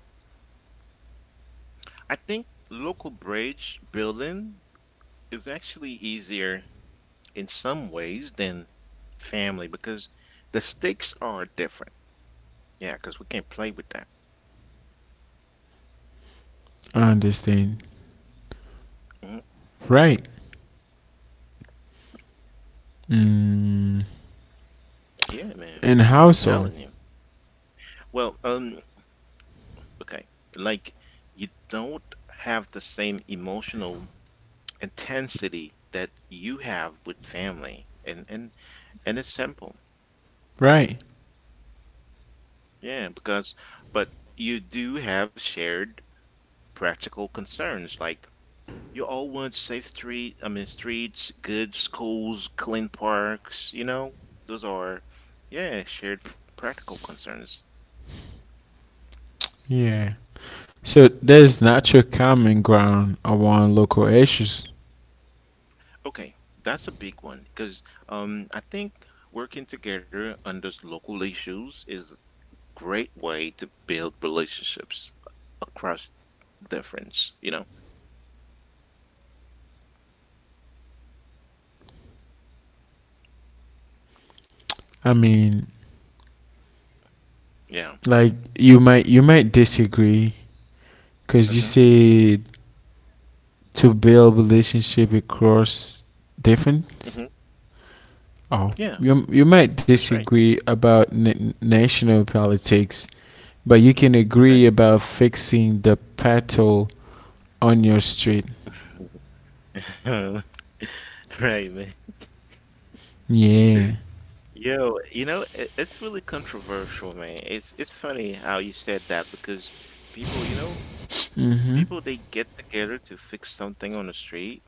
[SPEAKER 2] I think local bridge building is actually easier in some ways than family because the stakes are different. Yeah, because we can't play with that.
[SPEAKER 1] I understand.
[SPEAKER 2] Mhm.
[SPEAKER 1] Right. Mm.
[SPEAKER 2] Yeah, man.
[SPEAKER 1] In
[SPEAKER 2] I'm
[SPEAKER 1] household.
[SPEAKER 2] telling you. Well, okay. Like, you don't have the same emotional intensity that you have with family. And it's simple.
[SPEAKER 1] Right.
[SPEAKER 2] Yeah, because but you do have shared practical concerns like, you all want safe streets, good schools, clean parks, you know? Those are, yeah, shared practical concerns.
[SPEAKER 1] Yeah. So there's natural common ground around local issues.
[SPEAKER 2] Okay, that's a big one because, I think working together on those local issues is a great way to build relationships across difference, you know?
[SPEAKER 1] I mean,
[SPEAKER 2] Yeah.
[SPEAKER 1] like you might disagree because you
[SPEAKER 2] Hmm.
[SPEAKER 1] say to build relationship across difference.
[SPEAKER 2] Hmm. Yeah,
[SPEAKER 1] Oh, you might
[SPEAKER 2] that's right.
[SPEAKER 1] disagree about national politics, but you can agree
[SPEAKER 2] Okay.
[SPEAKER 1] about fixing the pothole on your street.
[SPEAKER 2] Right, man.
[SPEAKER 1] Yeah.
[SPEAKER 2] Yo, you know, it, it's really controversial, man. It's funny how you said that because people, you know, people they get together to fix something on the street,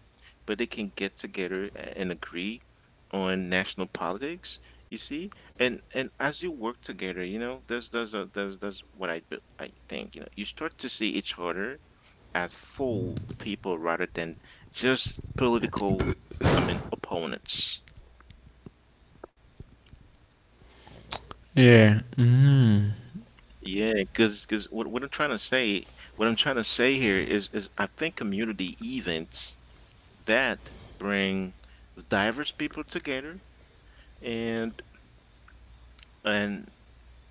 [SPEAKER 2] but they can get together and agree on national politics, you see? And as you work together, you know, there's a there's there's what I be- I think, you know, you start to see each other as full people rather than just opponents.
[SPEAKER 1] Yeah. Mm.
[SPEAKER 2] Yeah, because what I'm trying to say here is I think community events that bring diverse people together and and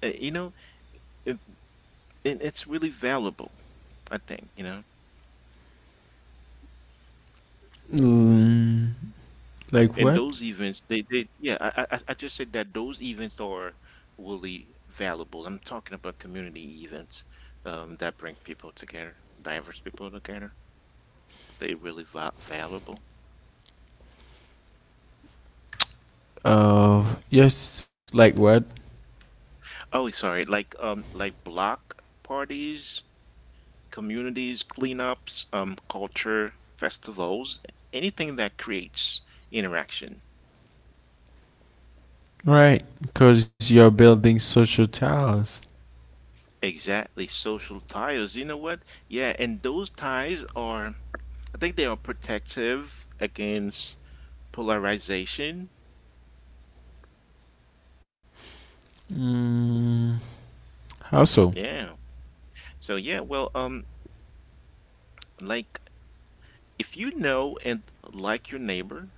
[SPEAKER 2] uh, you know it, and it's really valuable, I think, you know.
[SPEAKER 1] Mm. Like
[SPEAKER 2] And
[SPEAKER 1] what?
[SPEAKER 2] those events, they yeah, I just said that those events are really valuable. I'm talking about community events, that bring people together, diverse people together. They really va valuable.
[SPEAKER 1] Uh, yes. Like what?
[SPEAKER 2] Oh, sorry. Like, like block parties, communities, cleanups, culture festivals, anything that creates interaction.
[SPEAKER 1] Right, because you're
[SPEAKER 2] Mhm.
[SPEAKER 1] building social towers.
[SPEAKER 2] Exactly, social ties. You know what? Yeah, and those ties are, I think they are protective against polarization.
[SPEAKER 1] Mm. How so?
[SPEAKER 2] Yeah. So yeah, well, like if you know and like your neighbor,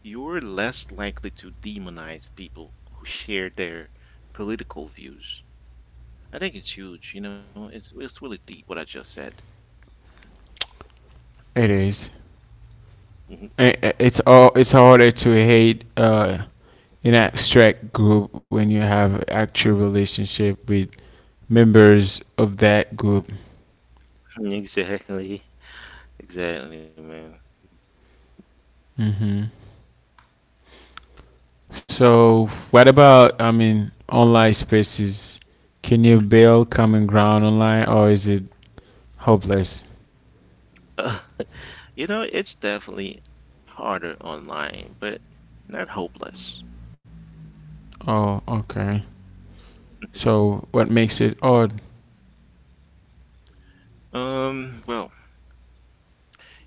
[SPEAKER 2] you're less likely to demonize people who share their political views. I think it's huge, you know, it's really deep what I just said.
[SPEAKER 1] It is.
[SPEAKER 2] Mhm.
[SPEAKER 1] It's all it's harder to hate an abstract group when you have actual relationship with members of that group.
[SPEAKER 2] Exactly. Exactly, man.
[SPEAKER 1] Hmm. So what about I mean online spaces? Can you build common ground online, or is it hopeless?
[SPEAKER 2] You know, it's definitely harder online, but not hopeless.
[SPEAKER 1] Oh, okay. So what makes it odd,
[SPEAKER 2] Well,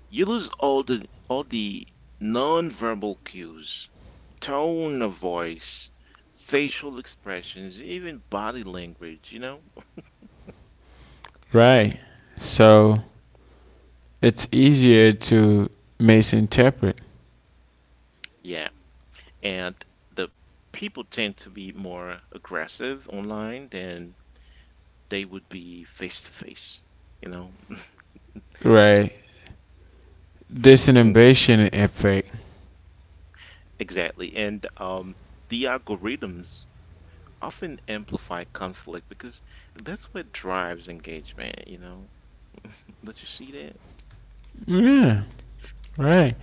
[SPEAKER 2] you lose all the nonverbal cues, tone of voice, facial expressions, even body language, you know?
[SPEAKER 1] right? So it's easier to misinterpret,
[SPEAKER 2] Yeah. And the people tend to be more aggressive online than they would be face to face, you know.
[SPEAKER 1] right? This innovation effect.
[SPEAKER 2] Exactly. And the algorithms often amplify conflict because that's what drives engagement, you know. Did you see that?
[SPEAKER 1] Yeah, right.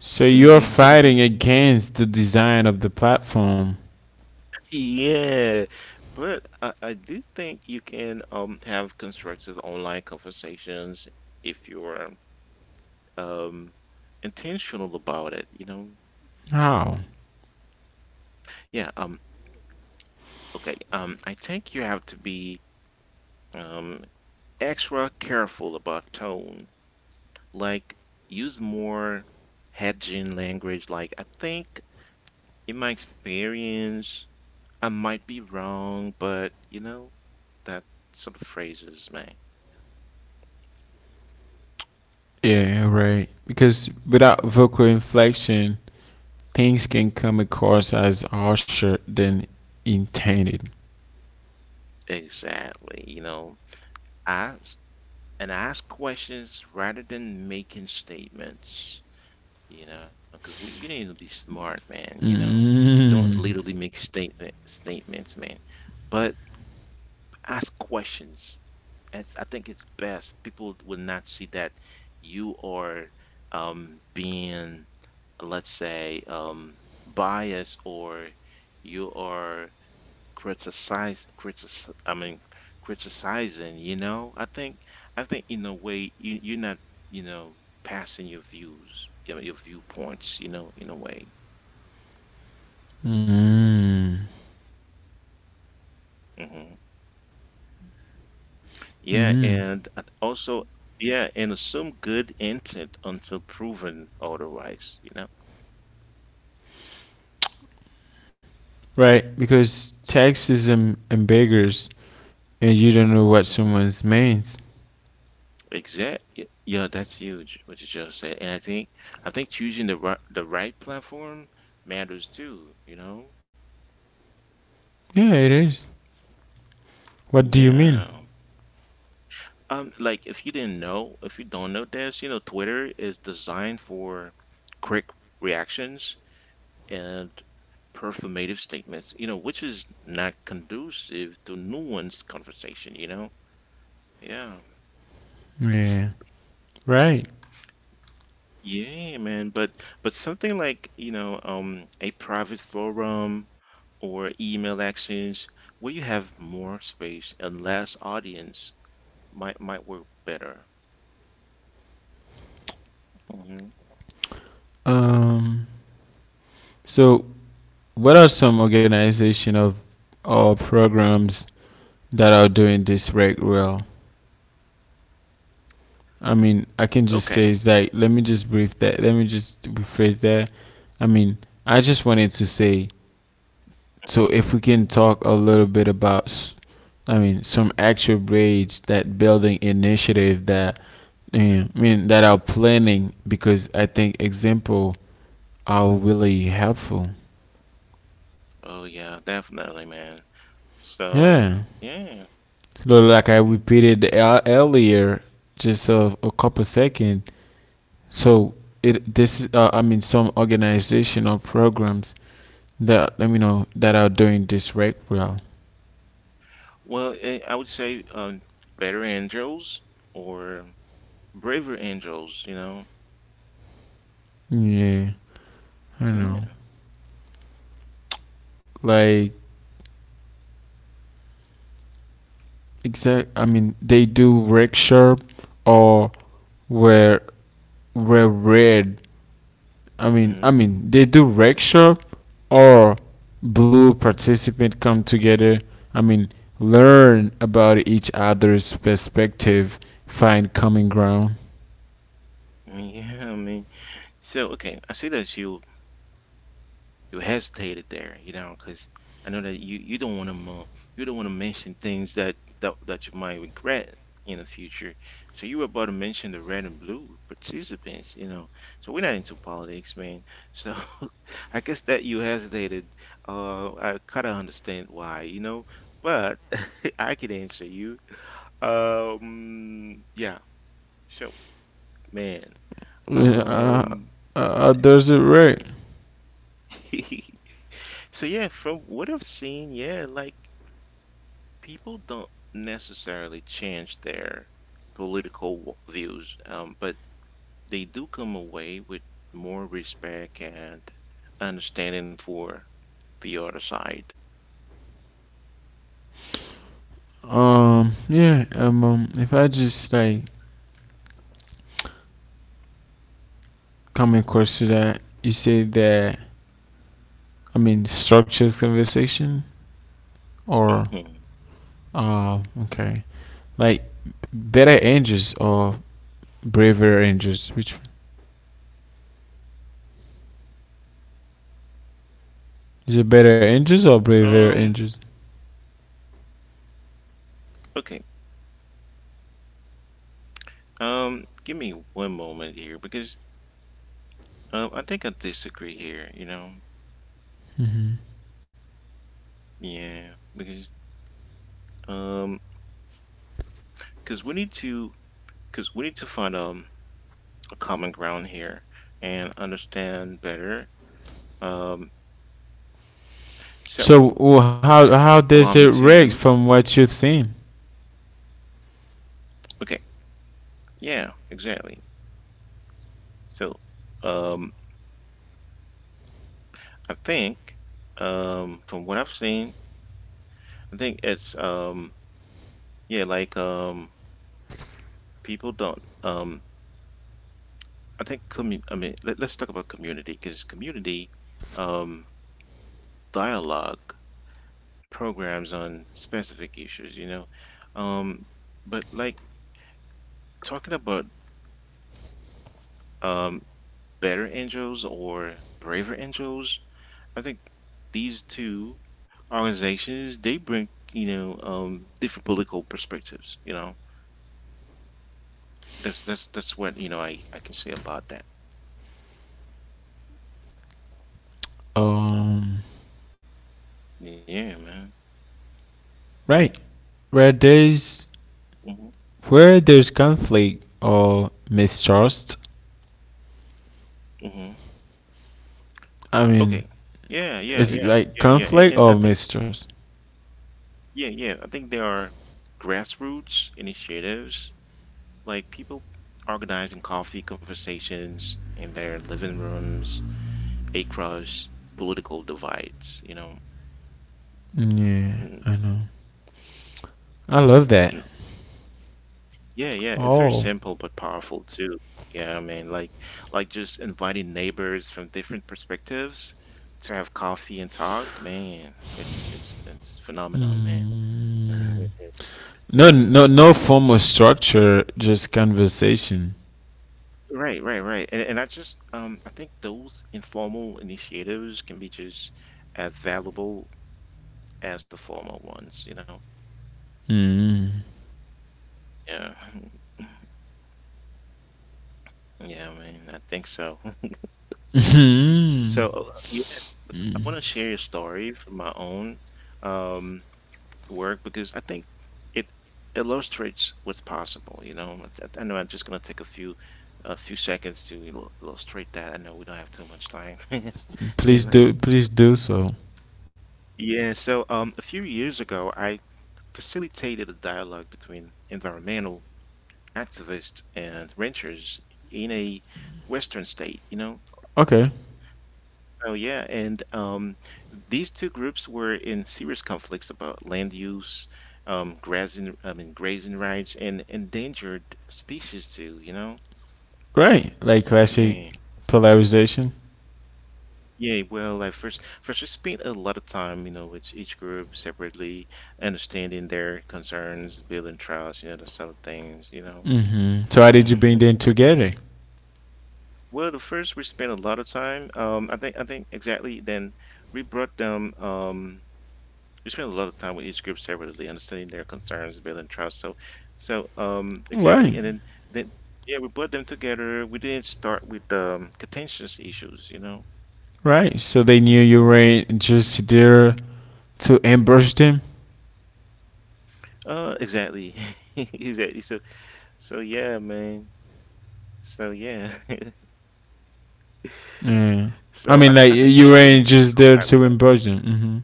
[SPEAKER 1] So you're fighting against the design of the platform.
[SPEAKER 2] Yeah, but I do think you can have constructive online conversations if you're um intentional about it, you know.
[SPEAKER 1] How?
[SPEAKER 2] Yeah. Okay I think you have to be um extra careful about tone, like, use more hedging language, like, I think, in my experience, I might be wrong, but you know, that sort of phrases, man.
[SPEAKER 1] Yeah, right. Because without
[SPEAKER 2] Mhm.
[SPEAKER 1] vocal inflection, things can come across as harsher than intended.
[SPEAKER 2] Exactly, you know. ask ask questions rather than making statements. You know, because we, you need to be smart, man. You know, don't literally make statements, man. But ask questions. It's, I think it's best. People will not see that you are being, let's say, biased or you are criticize critic I mean criticizing, you know. I think in a way you you're not, you know, passing your views, you know, your viewpoints, you know, in a way.
[SPEAKER 1] Mm.
[SPEAKER 2] Hmm. Yeah,
[SPEAKER 1] Mm.
[SPEAKER 2] and I th- also yeah, and assume good intent until proven otherwise, you know.
[SPEAKER 1] Right, because text is ambiguous and you don't know what
[SPEAKER 2] Mhm.
[SPEAKER 1] someone means.
[SPEAKER 2] Yeah, that's huge what you just said. And I think choosing the right platform matters too, you know?
[SPEAKER 1] Yeah, it is. What do you mean?
[SPEAKER 2] Yeah. If you don't know this, you know, Twitter is designed for quick reactions and performative statements, you know, which is not conducive to nuanced conversation, you know? Yeah.
[SPEAKER 1] Yeah, right.
[SPEAKER 2] Yeah, man. But something like, you know, a private forum or email actions where you have more space and less audience might work better. Hmm.
[SPEAKER 1] Um, so what are some organization of or programs that are doing this right well? I mean, I can just
[SPEAKER 2] Okay.
[SPEAKER 1] say it's like let me just brief that. Let me just rephrase that. I mean, I just wanted to say so
[SPEAKER 2] Mhm.
[SPEAKER 1] if we can talk a little bit about, s- I mean, some actual grades that building initiative that I mean that are planning because I think example are really helpful.
[SPEAKER 2] Oh yeah, definitely, man. So
[SPEAKER 1] Yeah.
[SPEAKER 2] yeah.
[SPEAKER 1] So like I
[SPEAKER 2] Hmm.
[SPEAKER 1] repeated earlier, just a couple second. So it this is, I mean some organizational programs that let me know that are doing this right well.
[SPEAKER 2] Well, I would say, Better Angels or Braver Angels. You know.
[SPEAKER 1] Yeah, I know.
[SPEAKER 2] Yeah.
[SPEAKER 1] Like exact. I mean they do workshop or where where read I
[SPEAKER 2] Hmm.
[SPEAKER 1] mean, they do rec shop or blue participant come together. I mean, learn about each other's perspective, find common ground.
[SPEAKER 2] Yeah. I mean, so okay. I see that you hesitated there, you know, because I know that you don't want to, you don't want to mention things that, that that you might regret in the future. So you were about to mention the red and blue participants, you know. So we're not into politics, man. So I guess that you hesitated. I kind of understand why, you know. But I can answer you. Yeah. So, man.
[SPEAKER 1] Uh, uh,
[SPEAKER 2] Um.
[SPEAKER 1] there's it right.
[SPEAKER 2] So yeah, from what I've seen, yeah, like, people don't necessarily change their political views, but they do come away with more respect and understanding for the other side.
[SPEAKER 1] Yeah. If I just like come across to that, you say that. I mean, structures conversation or
[SPEAKER 2] Mhm.
[SPEAKER 1] okay, like better angels or braver angels, which is it better engines or braver
[SPEAKER 2] Um,
[SPEAKER 1] engines?
[SPEAKER 2] okay. Give me one moment here because, I think I disagree here, you know? Yeah, because, um, because we need to because we need to find a common ground here and understand better. Um, so
[SPEAKER 1] So how
[SPEAKER 2] allow me
[SPEAKER 1] does it
[SPEAKER 2] to,
[SPEAKER 1] rate from what you've seen?
[SPEAKER 2] okay, yeah, exactly. So um i think um from what I've seen, I think it's, yeah like um people don't, I think commu- I mean let, let's talk about community because community um dialogue programs on specific issues, you know, um but like talking about, um Better Angels or Braver Angels, I think these two organizations they bring, you know, different political perspectives. You know, that's what, you know, I can say about that.
[SPEAKER 1] Um,
[SPEAKER 2] Yeah, man.
[SPEAKER 1] right. Where there's
[SPEAKER 2] Hmm.
[SPEAKER 1] where there's conflict or mistrust.
[SPEAKER 2] Hmm.
[SPEAKER 1] I
[SPEAKER 2] Okay.
[SPEAKER 1] mean,
[SPEAKER 2] Yeah, yeah,
[SPEAKER 1] is
[SPEAKER 2] yeah,
[SPEAKER 1] it like
[SPEAKER 2] yeah. And,
[SPEAKER 1] conflict
[SPEAKER 2] and I
[SPEAKER 1] or
[SPEAKER 2] think,
[SPEAKER 1] mistrust?
[SPEAKER 2] yeah. I think there are grassroots initiatives like people organizing coffee conversations in their living rooms across political divides. You know.
[SPEAKER 1] Yeah, I know. I love that.
[SPEAKER 2] Yeah, yeah, it's very
[SPEAKER 1] Oh.
[SPEAKER 2] simple but powerful too. Yeah, I mean, like, just inviting neighbors from different perspectives to have coffee and talk, man, it's phenomenon, man.
[SPEAKER 1] Mm. No, no, no formal structure, just conversation.
[SPEAKER 2] Right, right, right. And I just, I think those informal initiatives can be just as valuable as the formal ones, you know?
[SPEAKER 1] Mm.
[SPEAKER 2] Yeah. Yeah, man, I think so. So, yeah, so I want to share a story from my own. Um work because I think it illustrates what's possible. You know, I know I'm just gonna take a few, seconds to illustrate that. I know we don't have too much time. You
[SPEAKER 1] Please
[SPEAKER 2] know.
[SPEAKER 1] do, please do so.
[SPEAKER 2] Yeah, so, a few years ago, I facilitated a dialogue between environmental activists and ranchers in a Western state, you know.
[SPEAKER 1] Okay.
[SPEAKER 2] Oh yeah, and, these two groups were in serious conflicts about land use, grazing rights, and endangered species too. You know,
[SPEAKER 1] Right, like classic
[SPEAKER 2] yeah, mhm.
[SPEAKER 1] polarization.
[SPEAKER 2] Yeah. Well, I first first we spent a lot of time, you know, with each group separately, understanding their concerns, building trust, you know, the sort of things, you know.
[SPEAKER 1] Mm-hmm. So how did you bring them together?
[SPEAKER 2] Well, the first we spent a lot of time. I think exactly. Then we brought them. We spend a lot of time with each group separately, understanding their concerns, building trust. So, so
[SPEAKER 1] Right,
[SPEAKER 2] exactly, and then yeah, we put them together. We didn't start with, contentious issues, you know.
[SPEAKER 1] right. So they knew you
[SPEAKER 2] Mhm.
[SPEAKER 1] weren't just there to ambush them.
[SPEAKER 2] Uh, exactly, exactly. So, so yeah, man. So yeah.
[SPEAKER 1] Yeah,
[SPEAKER 2] So
[SPEAKER 1] I
[SPEAKER 2] I
[SPEAKER 1] mean,
[SPEAKER 2] think,
[SPEAKER 1] like
[SPEAKER 2] man,
[SPEAKER 1] you
[SPEAKER 2] we need to
[SPEAKER 1] weren't
[SPEAKER 2] come
[SPEAKER 1] just there
[SPEAKER 2] back with that.
[SPEAKER 1] to ambush them. Mm-hmm.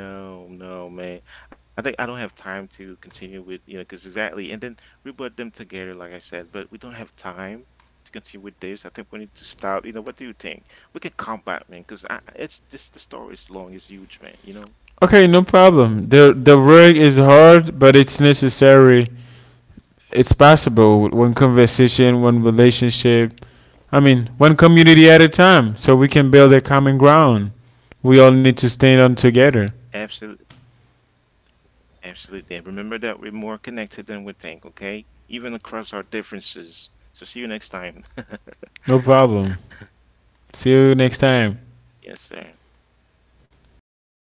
[SPEAKER 2] No, no, man. I think I don't have time to continue with, you know, because exactly. And then we put them together, like I said, but we don't have time to continue with this. I think we need to stop. You know, what do you think? We can come back, man, because it's this, the story is long, it's huge, man, you know?
[SPEAKER 1] Okay, no problem. The work is hard, but it's necessary. It's possible. With One conversation, one relationship. I mean, one community at a time. So we can build a common ground. We all need to stand on together.
[SPEAKER 2] Absolutely. Absolutely. And remember that we're more connected than we think, okay? Even across our differences. So see you next time.
[SPEAKER 1] No problem. See you next time.
[SPEAKER 2] Yes, sir. Yes,